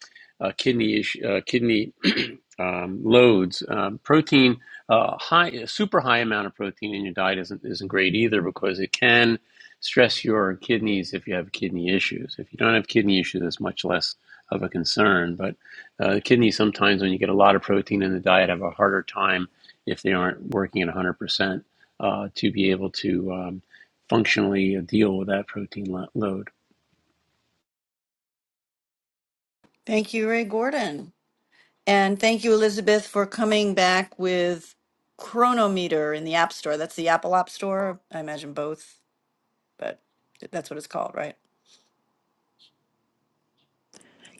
[SPEAKER 1] uh, kidney uh, kidney [CLEARS THROAT] um, loads. Um, protein, uh, high, a super high amount of protein in your diet isn't isn't great either because it can stress your kidneys if you have kidney issues. If you don't have kidney issues, it's much less of a concern. But uh, the kidneys sometimes, when you get a lot of protein in the diet, have a harder time if they aren't working at 100% uh, to be able to um, functionally deal with that protein lo- load.
[SPEAKER 4] Thank you, Ray Gordon. And thank you, Elizabeth, for coming back with Chronometer in the App Store. That's the Apple App Store. I imagine both, but that's what it's called, right?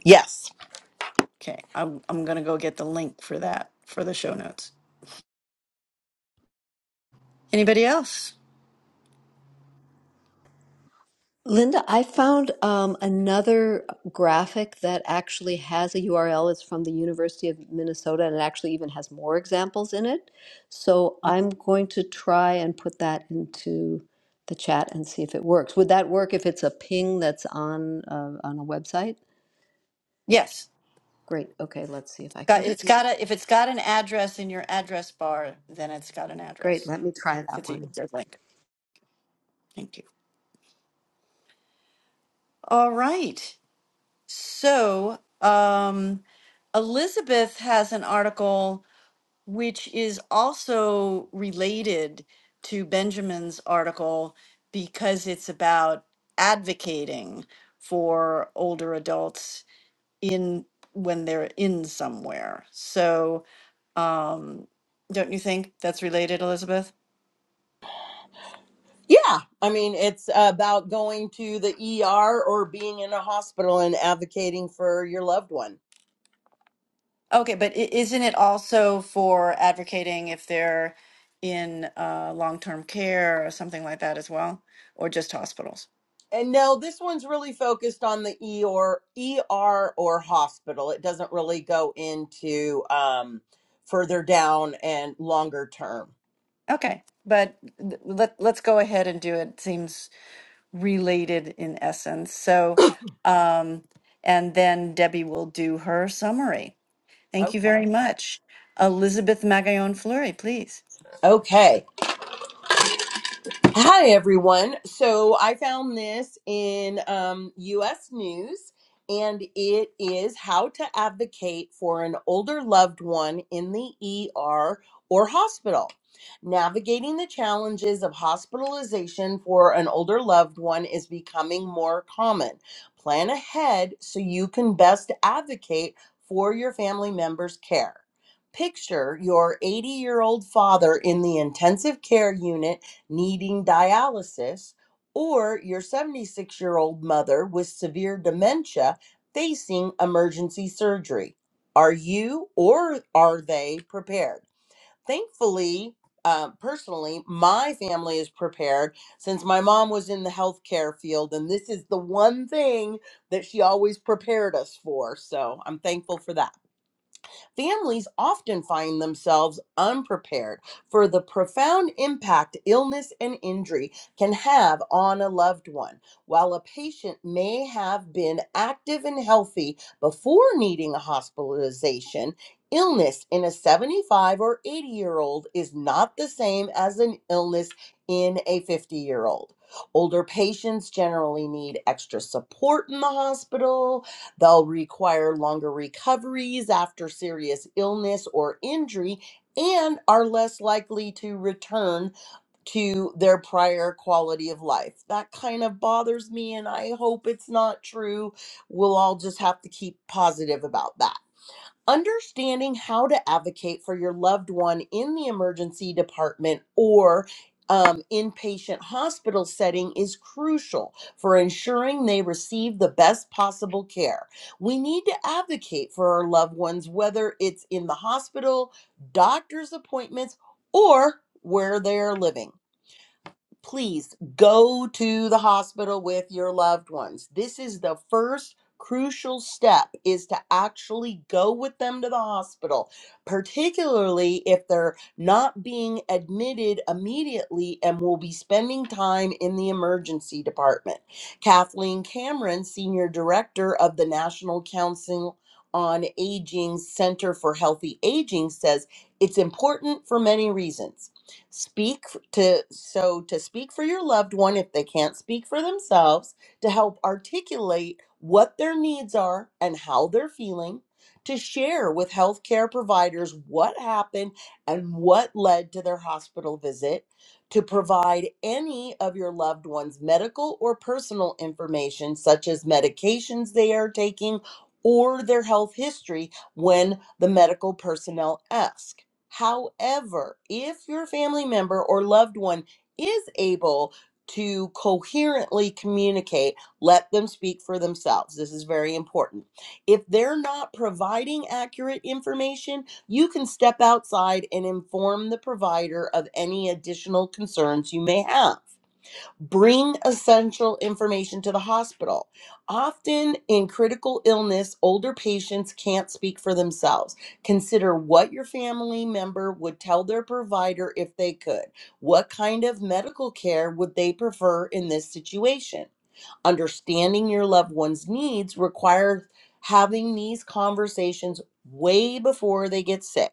[SPEAKER 6] Yes.
[SPEAKER 4] Okay. I'm, I'm going to go get the link for that for the show notes. Anybody else?
[SPEAKER 5] Linda, I found um, another graphic that actually has a URL. It's from the University of Minnesota and it actually even has more examples in it. So I'm going to try and put that into the chat and see if it works. Would that work if it's a ping that's on uh, on a website?
[SPEAKER 4] Yes.
[SPEAKER 5] Great. Okay, let's see if I can
[SPEAKER 4] Got,
[SPEAKER 5] do it.
[SPEAKER 4] it's got a, if it's got an address in your address bar, then it's got an
[SPEAKER 5] Great.
[SPEAKER 4] address.
[SPEAKER 5] Let me try that
[SPEAKER 4] It's a,
[SPEAKER 5] one.
[SPEAKER 4] it's a link. Thank you. All right. So, um, Elizabeth has an article which is also related to Benjamin's article because it's about advocating for older adults in when they're in somewhere. So, um, don't you think that's related, Elizabeth?
[SPEAKER 6] Yeah, I mean, it's about going to the ER or being in a hospital and advocating for your loved one.
[SPEAKER 4] Okay, but i- isn't it also for advocating if they're in uh, long-term care or something like that as well, or just hospitals?
[SPEAKER 6] And no, this one's really focused on the ER, ER or hospital. It doesn't really go into um, further down and longer term.
[SPEAKER 4] Okay, but th- let let's go ahead and do it. Seems related in essence. So, um, and then Debbie will do her summary. Thank you
[SPEAKER 6] Okay.
[SPEAKER 4] very much. Elizabeth Magallon Fleury, please.
[SPEAKER 6] Okay. Hi, everyone. So I found this in um, US News, and it is how to advocate for an older loved one in the ER or hospital. Navigating the challenges of hospitalization for an older loved one is becoming more common. Plan ahead so you can best advocate for your family member's care. Picture your 80 year old father in the intensive care unit needing dialysis, or your 76 year old mother with severe dementia facing emergency surgery. Are you or are they prepared? Thankfully, uh, personally, my family is prepared since my mom was in the healthcare field, and this is the one thing that she always prepared us for. So I'm thankful for that. Families often find themselves unprepared for the profound impact illness and injury can have on a loved one. While a patient may have been active and healthy before needing a hospitalization, illness in a 75 or 80 year old is not the same as an illness in a 50 year old. Older patients generally need extra support in the hospital, They'll require longer recoveries after serious illness or injury and are less likely to return to their prior quality of life. That kind of bothers me, and I hope it's not true. We'll all just have to keep positive about that understanding how to advocate for your loved one in the emergency department or um, inpatient hospital setting is crucial for ensuring they receive the best possible care. We need to advocate for our loved ones, whether it's in the hospital, doctor's appointments, or where they are living please go to the hospital with your loved ones. This is the first crucial step is to actually go with them to the hospital, particularly if they're not being admitted immediately and will be spending time in the emergency department. Kathleen Cameron, senior director of the National Council on Aging Center for Healthy Aging says it's important for many reasons. Speak f- to so to speak for your loved one if they can't speak for themselves to help articulate what their needs are and how they're feeling to share with healthcare providers what happened and what led to their hospital visit to provide any of your loved one's medical or personal information such as medications they are taking or their health history when the medical personnel ask However, if your family member or loved one is able to coherently communicate, let them speak for themselves. This is very important. If they're not providing accurate information, you can step outside and inform the provider of any additional concerns you may have. Bring essential information to the hospital. Often in critical illness, older patients can't speak for themselves. Consider what your family member would tell their provider if they could. What kind of medical care would they prefer in this situation? Understanding your loved one's needs requires having these conversations way before they get sick.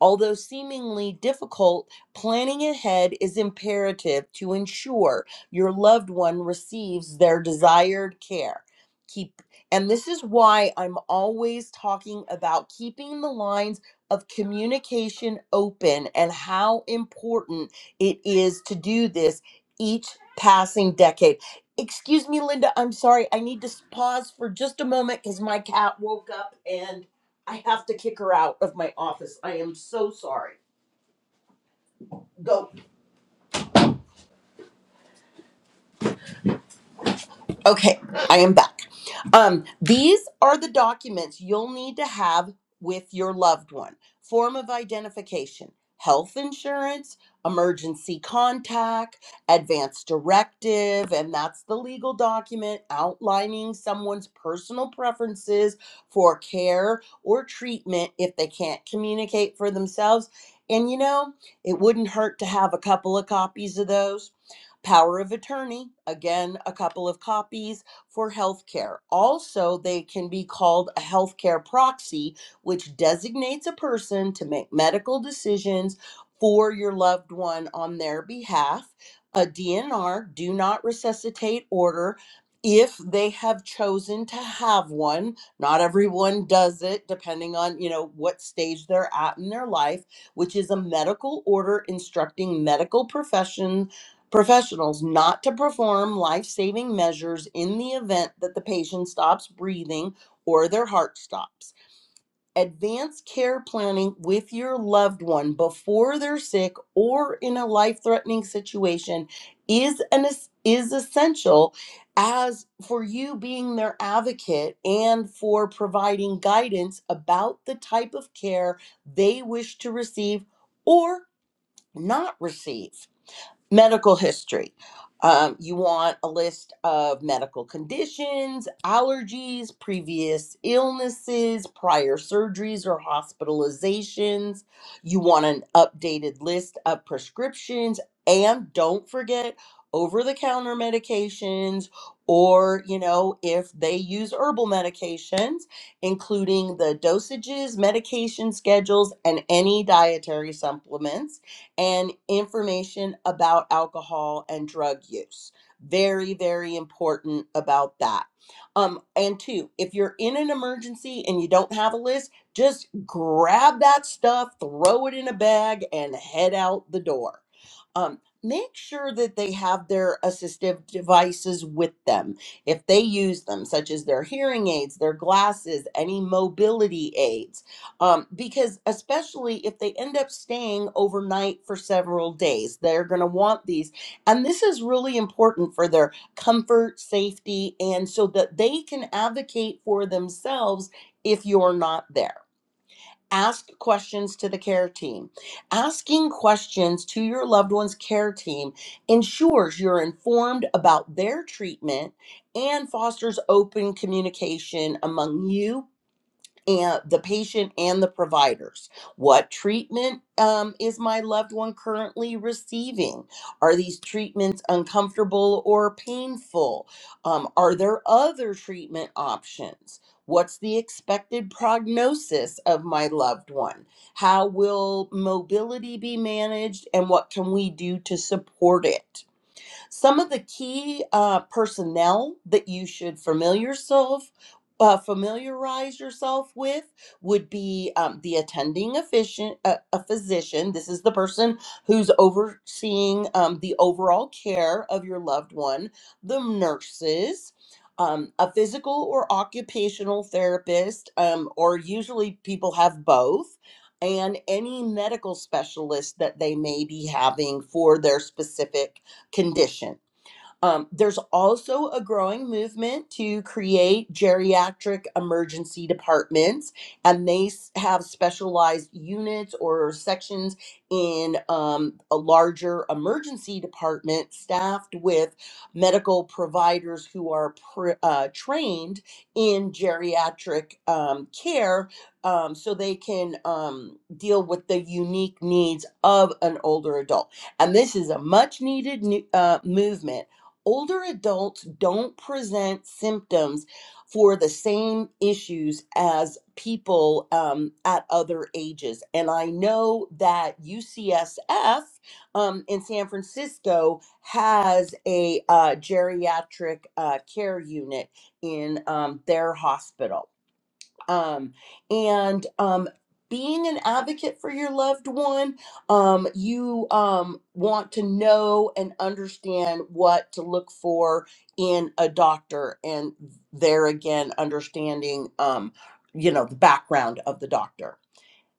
[SPEAKER 6] Although seemingly difficult, planning ahead is imperative to ensure your loved one receives their desired care. Keep and this is why I'm always talking about keeping the lines of communication open and how important it is to do this each passing decade. Excuse me, Linda. I'm sorry. I need to s- pause for just a moment because my cat woke up and I have to kick her out of my office. I am so sorry. Go. Okay, I am back. Um, these are the documents you'll need to have with your loved one form of identification, health insurance, emergency contact, advance directive, and that's the legal document outlining someone's personal preferences for care or treatment if they can't communicate for themselves. And you know, it wouldn't hurt to have a couple of copies of those Power of attorney, again, a couple of copies for healthcare. Also, they can be called a healthcare proxy, which designates a person to make medical decisions for your loved one on their behalf. A DNR, do not resuscitate order, if they have chosen to have one. Not everyone does it, depending on, you know, what stage they're at in their life, which is a medical order instructing medical profession professionals not to perform life saving measures in the event that the patient stops breathing or their heart stops. Advanced care planning with your loved one before they're sick or in a life threatening situation is an es- is essential as for you being their advocate and for providing guidance about the type of care they wish to receive or not receive medical history. Um, you want a list of medical conditions, allergies, previous illnesses, prior surgeries or hospitalizations. You want an updated list of prescriptions, and don't forget over the counter medications or you know if they use herbal medications including the dosages medication schedules and any dietary supplements and information about alcohol and drug use. Very, very important about that. Um, and two, if you're in an emergency and you don't have a list, just grab that stuff, throw it in a bag, and head out the door. Um, make sure that they have their assistive devices with them if they use them, such as their hearing aids, their glasses, any mobility aids um, because especially if they end up staying overnight for several days, they're going to want these. And this is really important for their comfort, safety, and so that they can advocate for themselves if you're not there. Ask questions to the care team. Asking questions to your loved one's care team ensures you're informed about their treatment and fosters open communication among you and the patient and the providers. What treatment um, is my loved one currently receiving? Are these treatments uncomfortable or painful? Um, are there other treatment options? What's the expected prognosis of my loved one? How will mobility be managed and what can we do to support it? Some of the key uh, personnel that you should familiar yourself uh, familiarize yourself with would be um, the attending offician, uh, a physician. This is the person who's overseeing um, the overall care of your loved one. The nurses, um, a physical or occupational therapist, um, or usually people have both, and any medical specialist that they may be having for their specific condition. Um, there's also a growing movement to create geriatric emergency departments, and they s- have specialized units or sections in um, a larger emergency department staffed with medical providers who are pr- uh, trained in geriatric um, care um, so they can um, deal with the unique needs of an older adult. And this is a much needed new, uh, movement older adults don't present symptoms for the same issues as people um, at other ages. And I know that UCSF um, in San Francisco has a uh, geriatric uh, care unit in um, their hospital um, and um, being an advocate for your loved one um, you um, want to know and understand what to look for in a doctor and there again understanding um, you know the background of the doctor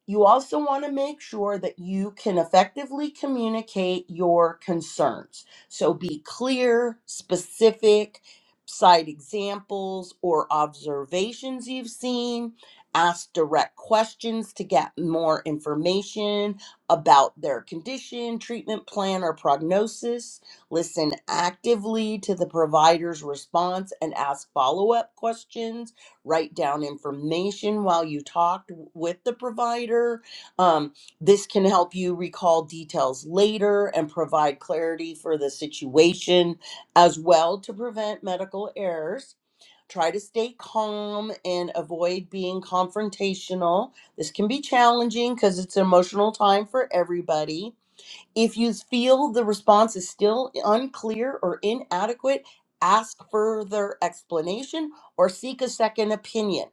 [SPEAKER 6] you also want to make sure that you can effectively communicate your concerns. So be clear, specific, cite examples or observations you've seen, ask direct questions to get more information about their condition, treatment plan, or prognosis. Listen actively to the provider's response and ask follow up questions write down information while you talked with the provider. Um, this can help you recall details later and provide clarity for the situation as well to prevent medical errors. Try to stay calm and avoid being confrontational. This can be challenging because it's an emotional time for everybody if you feel the response is still unclear or inadequate, ask further explanation or seek a second opinion.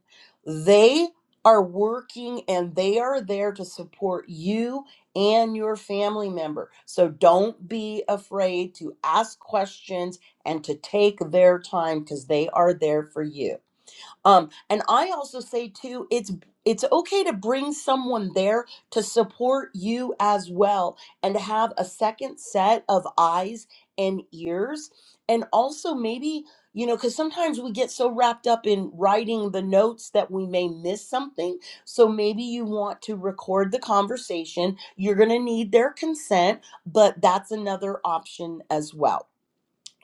[SPEAKER 6] They are working and they are there to support you and your family member. So don't be afraid to ask questions and to take their time because they are there for you. Um, and I also say too, it's it's okay to bring someone there to support you as well, and to have a second set of eyes and ears, and also maybe you know because sometimes we get so wrapped up in writing the notes that we may miss something so maybe you want to record the conversation you're going to need their consent but that's another option as well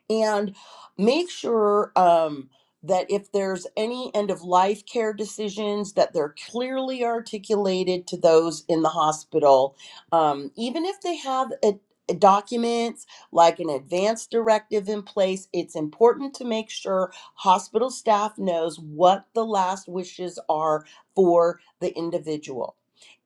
[SPEAKER 6] and make sure um, that if there's any end of life care decisions that they're clearly articulated to those in the hospital um, even if they have a, a documents like an advance directive in place it's important to make sure hospital staff knows what the last wishes are for the individual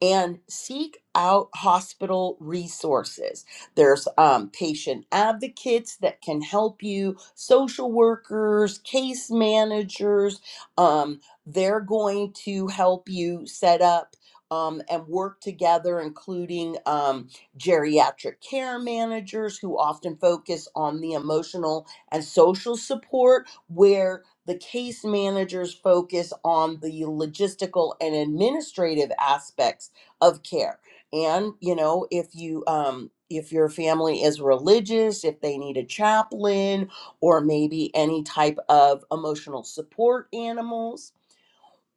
[SPEAKER 6] and seek out hospital resources there's um, patient advocates that can help you, social workers, case managers. Um, they're going to help you set up um, and work together, including um, geriatric care managers who often focus on the emotional and social support, where the case managers focus on the logistical and administrative aspects of care and you know if you um if your family is religious if they need a chaplain or maybe any type of emotional support animals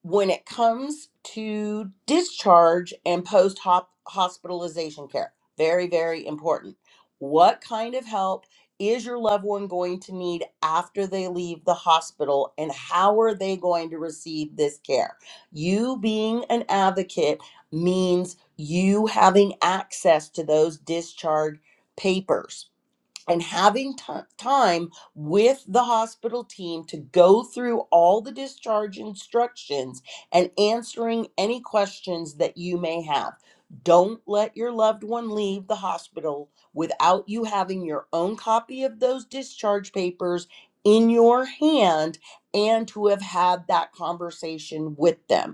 [SPEAKER 6] when it comes to discharge and post hop hospitalization care. Very, very important. What kind of help is your loved one going to need after they leave the hospital, and how are they going to receive this care? You being an advocate means you having access to those discharge papers and having ti- time with the hospital team to go through all the discharge instructions and answering any questions that you may have. Don't let your loved one leave the hospital without you having your own copy of those discharge papers in your hand and to have had that conversation with them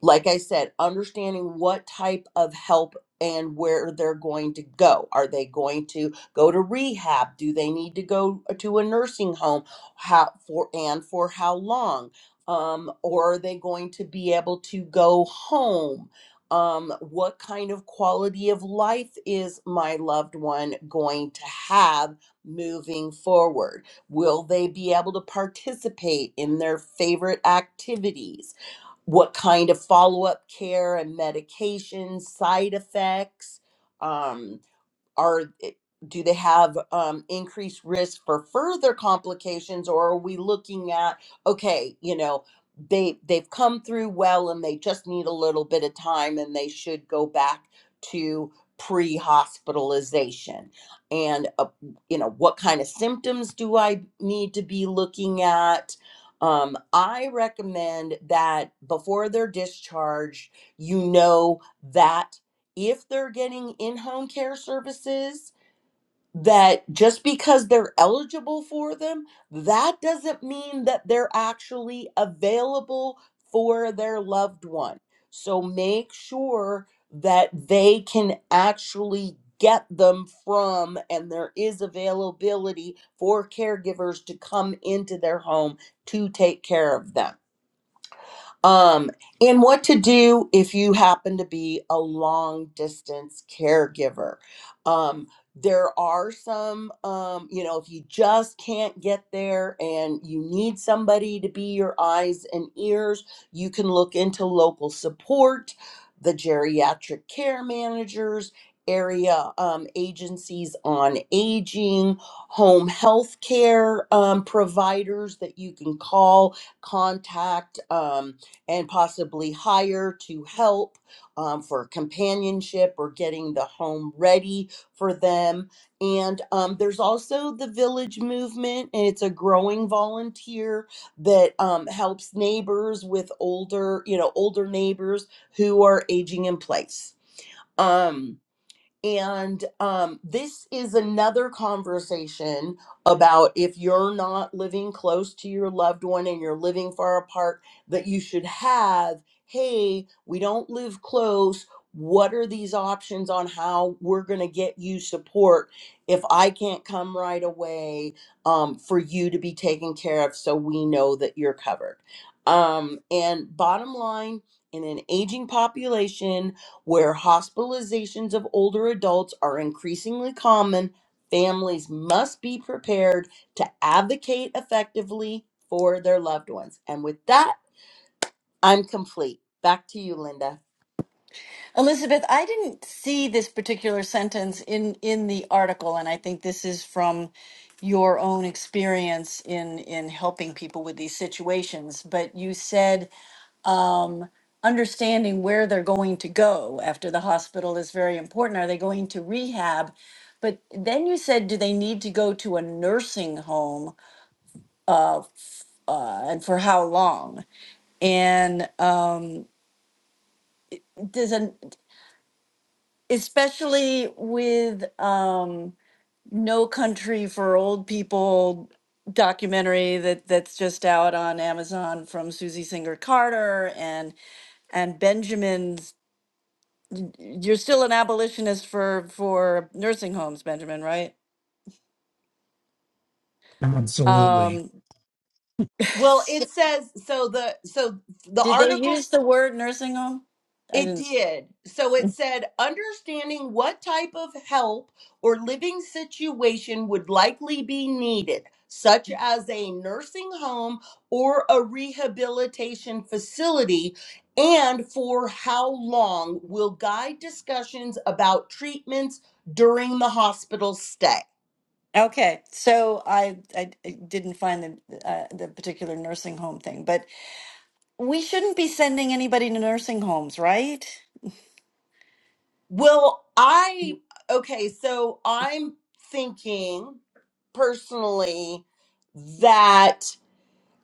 [SPEAKER 6] like I said, understanding what type of help and where they're going to go. Are they going to go to rehab? Do they need to go uh, to a nursing home? How for and for how long? Um, or are they going to be able to go home? Um, what kind of quality of life is my loved one going to have moving forward? Will they be able to participate in their favorite activities? what kind of follow up care and medications, side effects. Um, are eh, do they have um, increased risk for further complications or are we looking at okay you know they they've come through well and they just need a little bit of time and they should go back to pre-hospitalization and uh, you know what kind of symptoms do i need to be looking at um, i recommend that before they're discharged you know that if they're getting in home care services, that just because they're eligible for them, that doesn't mean that they're actually available for their loved one. So make sure that they can actually get them from, and there is availability for caregivers to come into their home to take care of them um, and what to do if you happen to be a long distance caregiver. Um, there are some, um, you know, if you just can't get there and you need somebody to be your eyes and ears, you can look into local support, the geriatric care managers, area um, agencies on aging, home health care um, providers that you can call, contact. Um, and possibly hire to help um, for companionship or getting the home ready for them. And um, there's also the village movement, and it's a growing volunteer that um, helps neighbors with older, you know, older neighbors who are aging in place. Um, and um, this is another conversation about if you're not living close to your loved one and you're living far apart, that you should have hey, we don't live close. What are these options on how we're going to get you support if I can't come right away um, for you to be taken care of so we know that you're covered? Um, and bottom line, in an aging population, where hospitalizations of older adults are increasingly common, families must be prepared to advocate effectively for their loved ones. And with that, I'm complete. Back to you, Linda.
[SPEAKER 4] Elizabeth, I didn't see this particular sentence in in the article, and I think this is from your own experience in in helping people with these situations. But you said um, understanding where they're going to go after the hospital is very important. Are they going to rehab? But then you said, do they need to go to a nursing home? Uh, uh, and for how long? And um, does an especially with um no country for old people documentary that that's just out on amazon from susie singer carter and and benjamin's y- you're still an abolitionist for for nursing homes benjamin right
[SPEAKER 3] Absolutely.
[SPEAKER 4] um [LAUGHS]
[SPEAKER 6] Well, it says so the so the
[SPEAKER 4] did they
[SPEAKER 6] articles
[SPEAKER 4] use the word nursing home i
[SPEAKER 6] It
[SPEAKER 4] didn't s-
[SPEAKER 6] did. So it said understanding what type of help or living situation would likely be needed, such as a nursing home or a rehabilitation facility, and for how long will guide discussions about treatments during the hospital stay.
[SPEAKER 4] okay so i i, I didn't find the uh, the particular nursing home thing but we shouldn't be sending anybody to nursing homes, right?
[SPEAKER 6] Well, I, okay, so I'm thinking personally that.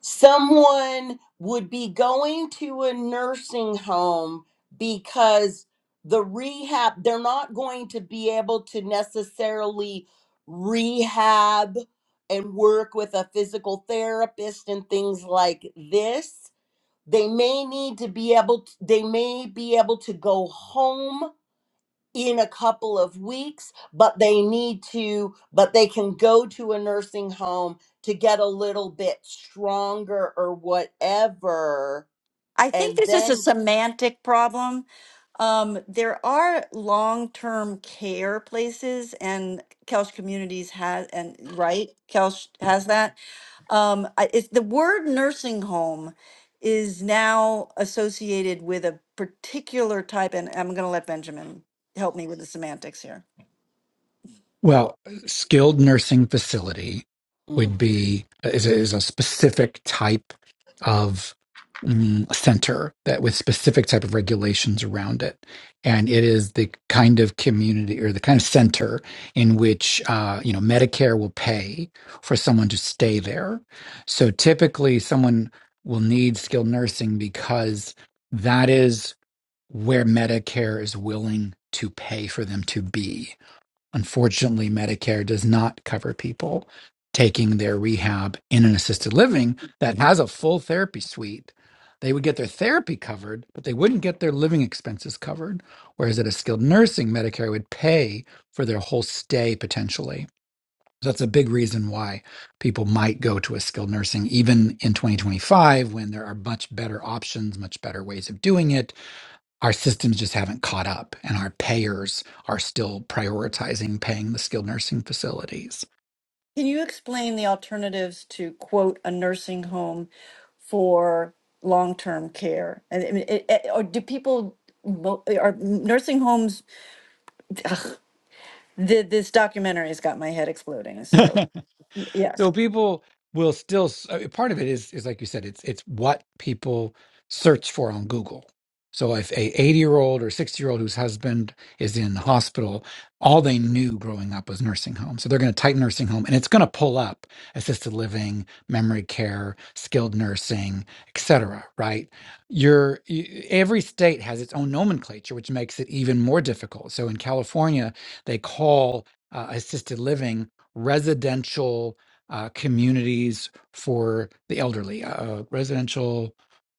[SPEAKER 6] someone would be going to a nursing home because the rehab they're not going to be able to necessarily rehab and work with a physical therapist and things like this they may need to be able to, they may be able to go home in a couple of weeks, but they need to, but they can go to a nursing home to get a little bit stronger or whatever.
[SPEAKER 4] I think
[SPEAKER 6] And
[SPEAKER 4] this is a
[SPEAKER 6] then,
[SPEAKER 4] semantic problem. Um, there are long-term care places, and Kelch Communities has, and right, Kelch has that. Um, I- it's, the word nursing home is now associated with a particular type, and I'm going to let Benjamin help me with the semantics here.
[SPEAKER 3] Well, skilled nursing facility
[SPEAKER 6] Mm.
[SPEAKER 3] would be is a, is a specific type of mm, center that with specific type of regulations around it, and it is the kind of community or the kind of center in which uh, you know Medicare will pay for someone to stay there. So typically, someone will need skilled nursing because that is where Medicare is willing to pay for them to be Unfortunately, Medicare does not cover people taking their rehab in an assisted living that has a full therapy suite. They would get their therapy covered, but they wouldn't get their living expenses covered. Whereas at a skilled nursing, Medicare would pay for their whole stay potentially. So that's a big reason why people might go to a skilled nursing, even in 2025, when there are much better options, much better ways of doing it our systems just haven't caught up and our payers are still prioritizing paying the skilled nursing facilities
[SPEAKER 4] Can you explain the alternatives to quote a nursing home for long-term care? And I mean, it, it- or do people mo- are nursing homes? Ugh, th- this documentary has got my head exploding.
[SPEAKER 3] [LAUGHS]
[SPEAKER 4] So y- yes,
[SPEAKER 3] So people will still s- uh, part of it is is like you said it's it's what people search for on Google. So if a 80-year-old or 60-year-old whose husband is in the hospital, all they knew growing up was nursing home. So they're going to type nursing home and it's going to pull up assisted living, memory care, skilled nursing, etc., right? Your y- every state has its own nomenclature which makes it even more difficult. So in California, they call uh, assisted living residential uh, communities for the elderly, uh, uh, residential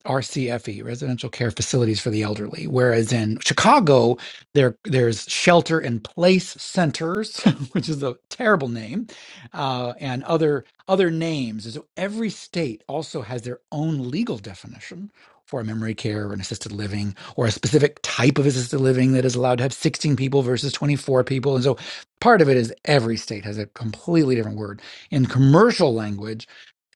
[SPEAKER 3] RCFE, residential care facilities for the elderly. Whereas in Chicago, there there's shelter in place centers, [LAUGHS] which is a terrible name, uh, and other other names. So every state also has their own legal definition for a memory care or an assisted living or a specific type of assisted living that is allowed to have 16 people versus 24 people. And so part of it is every state has a completely different word in commercial language,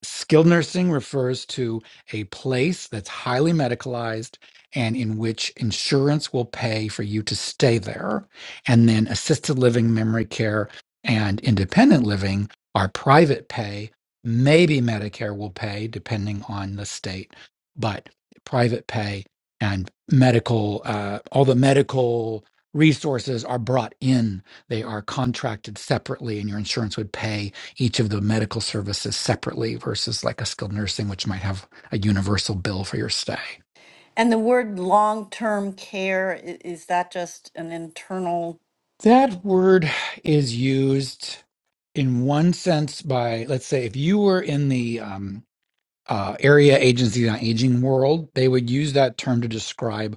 [SPEAKER 3] skilled nursing refers to a place that's highly medicalized and in which insurance will pay for you to stay there. And then assisted living, memory care, and independent living are private pay. Maybe Medicare will pay depending on the state, but private pay and medical, uh, all the medical resources are brought in. They are contracted separately, and your insurance would pay each of the medical services separately versus like a skilled nursing, which might have a universal bill for your stay.
[SPEAKER 4] and the word long-term care i- is that just an internal?
[SPEAKER 3] That word is used in one sense by, let's say, if you were in the um, uh, area agencies on aging world, they would use that term to describe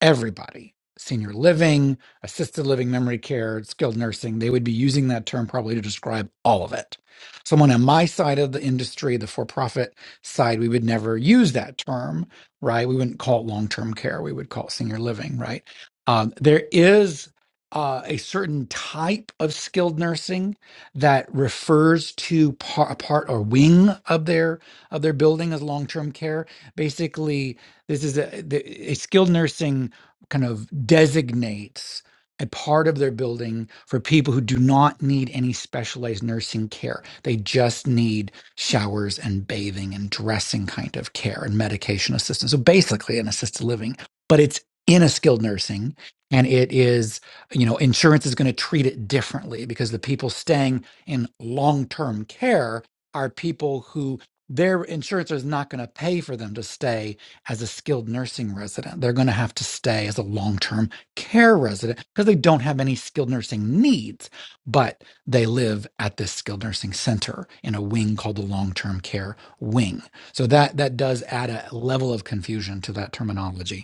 [SPEAKER 3] everybody senior living, assisted living, memory care, skilled nursing they would be using that term probably to describe all of it. Someone on my side of the industry, the for profit side, we would never use that term, right? We wouldn't call it long term care, we would call it senior living, right? Um, there is uh, a certain type of skilled nursing that refers to par- a part or wing of their of their building as long-term care. Basically, this is a, the- a skilled nursing kind of designates a part of their building for people who do not need any specialized nursing care. They just need showers and bathing and dressing kind of care and medication assistance. So basically an assisted living, but it's in a skilled nursing and it is, you know, insurance is going to treat it differently because the people staying in long-term care are people who their insurance is not going to pay for them to stay as a skilled nursing resident. They're going to have to stay as a long term care resident because they don't have any skilled nursing needs, but they live at this skilled nursing center in a wing called the long term care wing. So that, that does add a level of confusion to that terminology.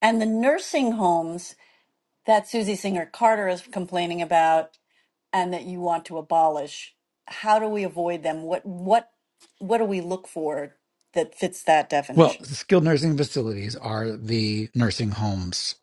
[SPEAKER 4] And the nursing homes that Susie Singer Carter is complaining about and that you want to abolish, how do we avoid them? What what what do we look for that fits that
[SPEAKER 3] Well,
[SPEAKER 4] definition?
[SPEAKER 3] skilled nursing facilities are the nursing homes,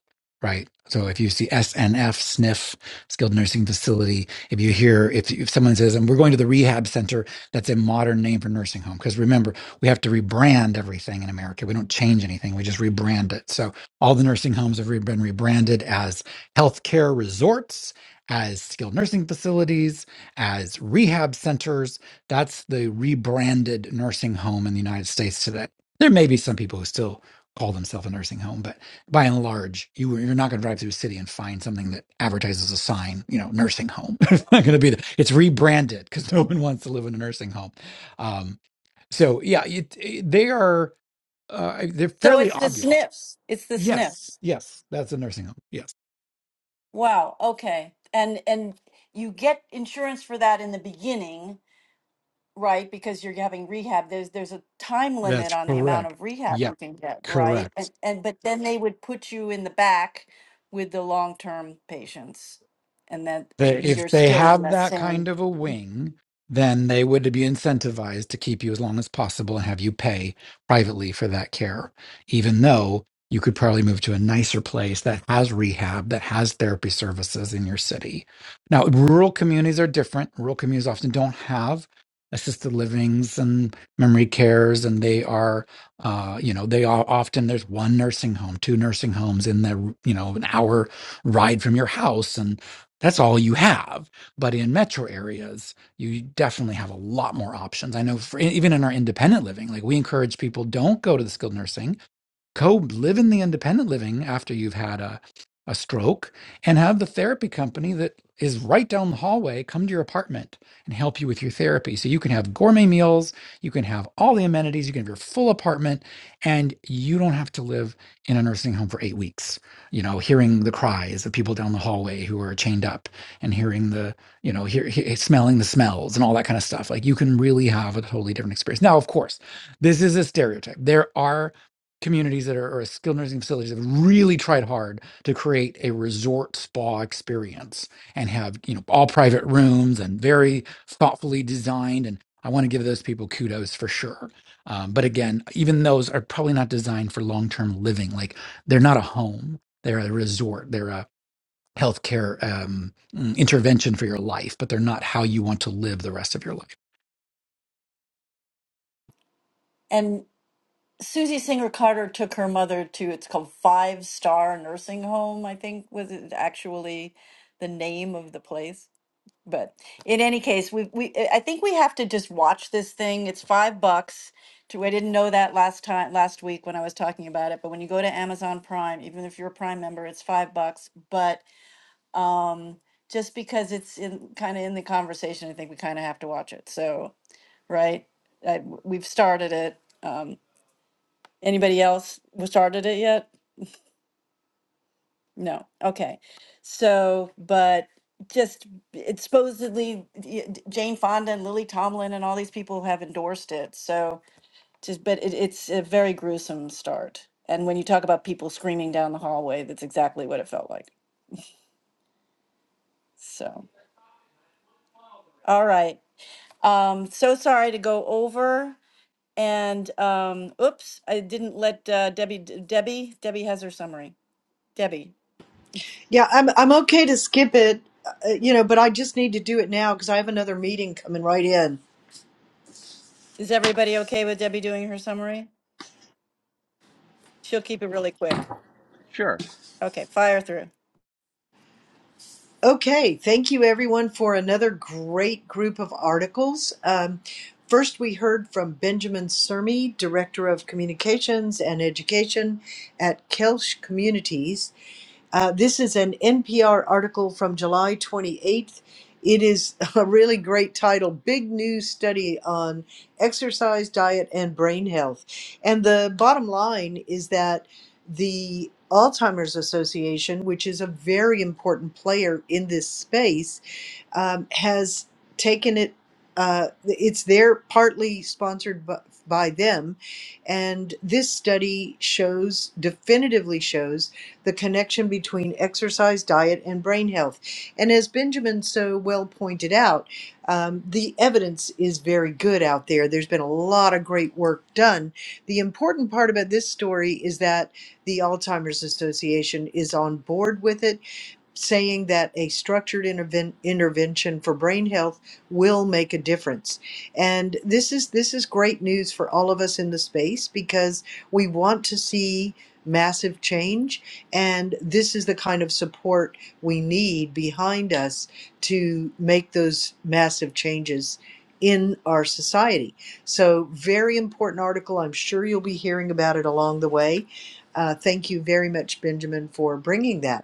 [SPEAKER 3] right? So if you see SNF, SNF, skilled nursing facility, if you hear, if, if someone says, and we're going to the rehab center, that's a modern name for nursing home. Because remember, we have to rebrand everything in America. We don't change anything, we just rebrand it. So all the nursing homes have re- been rebranded as healthcare resorts, as skilled nursing facilities, as rehab centers. That's the rebranded nursing home in the United States today. There may be some people who still call themselves a nursing home, but by and large, you, you're not going to drive through a city and find something that advertises a sign, you know, nursing home. [LAUGHS] it's not going to be the, it's rebranded because no one wants to live in a nursing home. Um, so yeah, it, it- they are uh, they're
[SPEAKER 4] So
[SPEAKER 3] fairly
[SPEAKER 4] it's the
[SPEAKER 3] obvious.
[SPEAKER 4] SNFs. It's the
[SPEAKER 3] Yes,
[SPEAKER 4] SNFs.
[SPEAKER 3] yes, that's a nursing home. Yes,
[SPEAKER 4] Wow, okay. And and you get insurance for that in the beginning Right, because you're having rehab, there's there's a time limit
[SPEAKER 3] that's
[SPEAKER 4] on the amount
[SPEAKER 3] correct.
[SPEAKER 4] of rehab
[SPEAKER 3] Yeah,
[SPEAKER 4] you can get, right?
[SPEAKER 3] correct.
[SPEAKER 4] And and but then they would put you in the back with the long-term patients, and then
[SPEAKER 3] They,
[SPEAKER 4] you're
[SPEAKER 3] if they
[SPEAKER 4] still in
[SPEAKER 3] have
[SPEAKER 4] that
[SPEAKER 3] that kind
[SPEAKER 4] same.
[SPEAKER 3] of a wing, then they would be incentivized to keep you as long as possible and have you pay privately for that care, even though you could probably move to a nicer place that has rehab, that has therapy services in your city. Now, rural communities are different. Rural communities often don't have assisted livings and memory cares, and they are, uh, you know, they are often there's one nursing home, two nursing homes in the, you know, an hour ride from your house, and that's all you have. But in metro areas, you definitely have a lot more options. I know for, e, even in our independent living, like we encourage people don't go to the skilled nursing Go live in the independent living after you've had a, a stroke and have the therapy company that is right down the hallway come to your apartment and help you with your therapy. So you can have gourmet meals, you can have all the amenities, you can have your full apartment, and you don't have to live in a nursing home for eight weeks, you know, hearing the cries of people down the hallway who are chained up and hearing the you know, hear, he- smelling the smells and all that kind of stuff. Like you can really have a totally different experience. Now, of course, this is a stereotype. There are communities that are or skilled nursing facilities have really tried hard to create a resort spa experience and have you know all private rooms and very thoughtfully designed and i want to give those people kudos for sure um, but again even those are probably not designed for long-term living like they're not a home they're a resort they're a healthcare um, mm, intervention for your life but they're not how you want to live the rest of your life
[SPEAKER 4] And Susie Singer Carter took her mother to it's called Five Star Nursing Home, I think was it actually the name of the place. But in any case, we we eh, I think we have to just watch this thing. It's five bucks. To I didn't know that last time last week when I was talking about it. But when you go to Amazon Prime, even if you're a Prime member, it's five bucks. But just because it's in kind of in the conversation, I think we kind of have to watch it. So right, I, we've started it. Um, anybody else w- started it yet? No. Okay. So, but just it's supposedly y- d- Jane Fonda and Lily Tomlin and all these people have endorsed it. So just, but it, it's a very gruesome start. And when you talk about people screaming down the hallway, that's exactly what it felt like. So, all right. Um, so sorry to go over. And um, oops, I didn't let uh, Debbie. d- Debbie. Debbie has her summary. Debbie,
[SPEAKER 2] Yeah, I'm I'm okay to skip it, uh, you know, but I just need to do it now because I have another meeting coming right in.
[SPEAKER 4] is everybody okay with Debbie doing her summary? She'll keep it really quick.
[SPEAKER 1] Sure.
[SPEAKER 4] Okay, fire through.
[SPEAKER 2] Okay, thank you everyone for another great group of articles. Um, first, we heard from Benjamin Sermi, Director of Communications and Education at Kelsch Communities. Uh, this is an NPR article from July 28th. It is [LAUGHS] a really great title Big News Study on Exercise, Diet, and Brain Health. And the bottom line is that the Alzheimer's Association, which is a very important player in this space, um, has taken it. Uh, it's there partly sponsored by, by them, and this study shows definitively shows the connection between exercise, diet, and brain health. And as Benjamin so well pointed out, um, the evidence is very good out there. There's been a lot of great work done. The important part about this story is that the Alzheimer's Association is on board with it saying that a structured interven- intervention for brain health will make a difference. And this is this is great news for all of us in the space because we want to see massive change and this is the kind of support we need behind us to make those massive changes in our society. So very important article. I'm sure you'll be hearing about it along the way. Uh, thank you very much, Benjamin, for bringing that.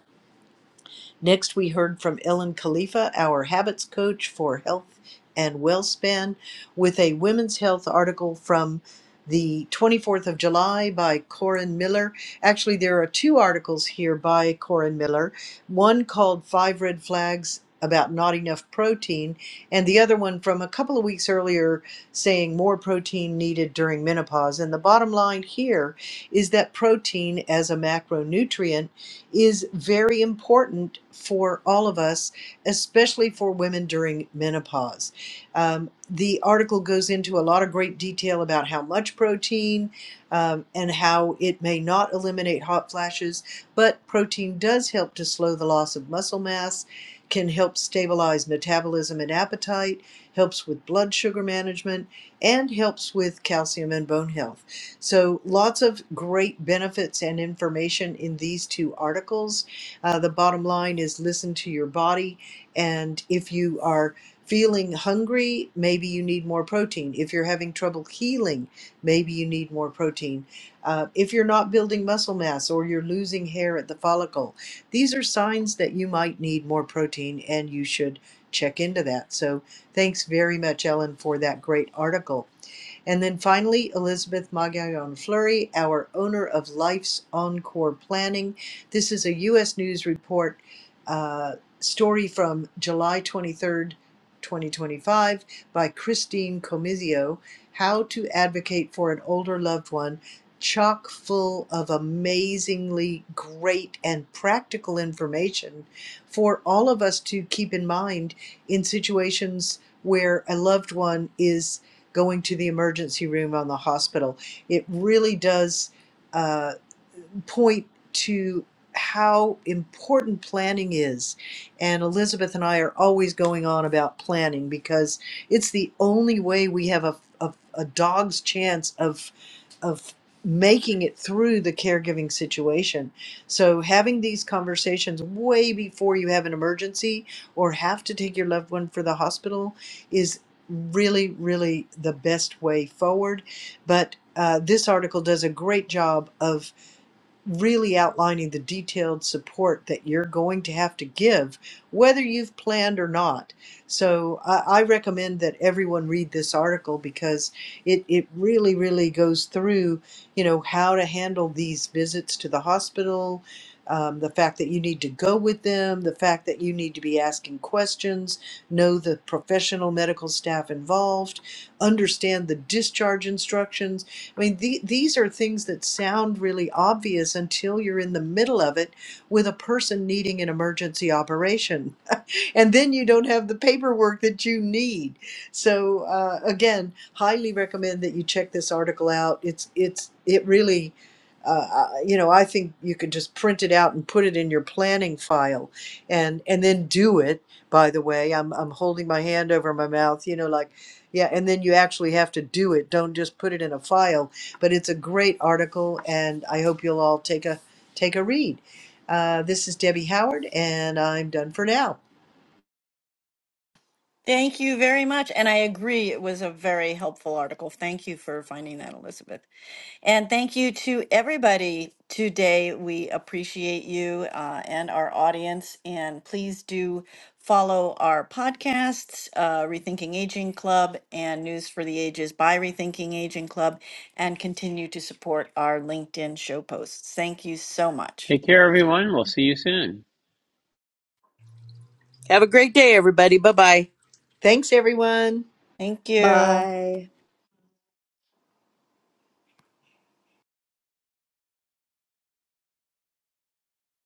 [SPEAKER 2] Next, we heard from Ellen Khalifa, our habits coach for health and WellSpan, with a women's health article from the 24th of July by Corin Miller. Actually, there are two articles here by Corin Miller one called Five Red Flags About Not Enough Protein, and the other one from a couple of weeks earlier saying more protein needed during menopause. And the bottom line here is that protein as a macronutrient is very important for all of us, especially for women during menopause. Um, the article goes into a lot of great detail about how much protein um, and how it may not eliminate hot flashes, but protein does help to slow the loss of muscle mass, can help stabilize metabolism and appetite, helps with blood sugar management, and helps with calcium and bone health. So, lots of great benefits and information in these two articles. Uh, the bottom line is listen to your body. And if you are feeling hungry, maybe you need more protein. If you're having trouble healing, maybe you need more protein. Uh, if you're not building muscle mass or you're losing hair at the follicle, these are signs that you might need more protein and you should check into that. So, thanks very much, Ellen, for that great article. And then finally, Elizabeth Magallon Fleury, our owner of Life's Encore Planning. This is a U.S. News Report uh, story from July 23rd, 2025, by Christine Comizio How to Advocate for an Older Loved One. Chock full of amazingly great and practical information for all of us to keep in mind in situations where a loved one is going to the emergency room on the hospital. It really does uh, point to how important planning is. And Elizabeth and I are always going on about planning because it's the only way we have a, a, a dog's chance of, of making it through the caregiving situation. So having these conversations way before you have an emergency or have to take your loved one for the hospital is really, really the best way forward. But uh, this article does a great job of really outlining the detailed support that you're going to have to give, whether you've planned or not. So I, I recommend that everyone read this article because it, it really, really goes through, you know, how to handle these visits to the hospital, um, the fact that you need to go with them, the fact that you need to be asking questions, know the professional medical staff involved, understand the discharge instructions I mean, the, these are things that sound really obvious until you're in the middle of it with a person needing an emergency operation. [LAUGHS] and then you don't have the paperwork that you need. So, uh, again, highly recommend that you check this article out. It's, it's, it really, uh, I- you know, I think you can just print it out and put it in your planning file and, and then do it. By the way, I'm, I'm holding my hand over my mouth, you know, like, yeah, and then you actually have to do it. Don't just put it in a file. But it's a great article, and I hope you'll all take a take a read. Uh, this is Debbie Howard, and I'm done for now.
[SPEAKER 4] Thank you very much. And I agree, it was a very helpful article. Thank you for finding that, Elizabeth. And thank you to everybody today. We appreciate you uh, and our audience. And please do follow our podcasts, uh, Rethinking Aging Club and News for the Ages by Rethinking Aging Club, and continue to support our LinkedIn show posts. Thank you so much.
[SPEAKER 1] Take care, everyone. We'll see you soon.
[SPEAKER 6] have a great day, everybody. Bye bye.
[SPEAKER 2] Thanks, everyone.
[SPEAKER 4] Thank you.
[SPEAKER 5] Bye.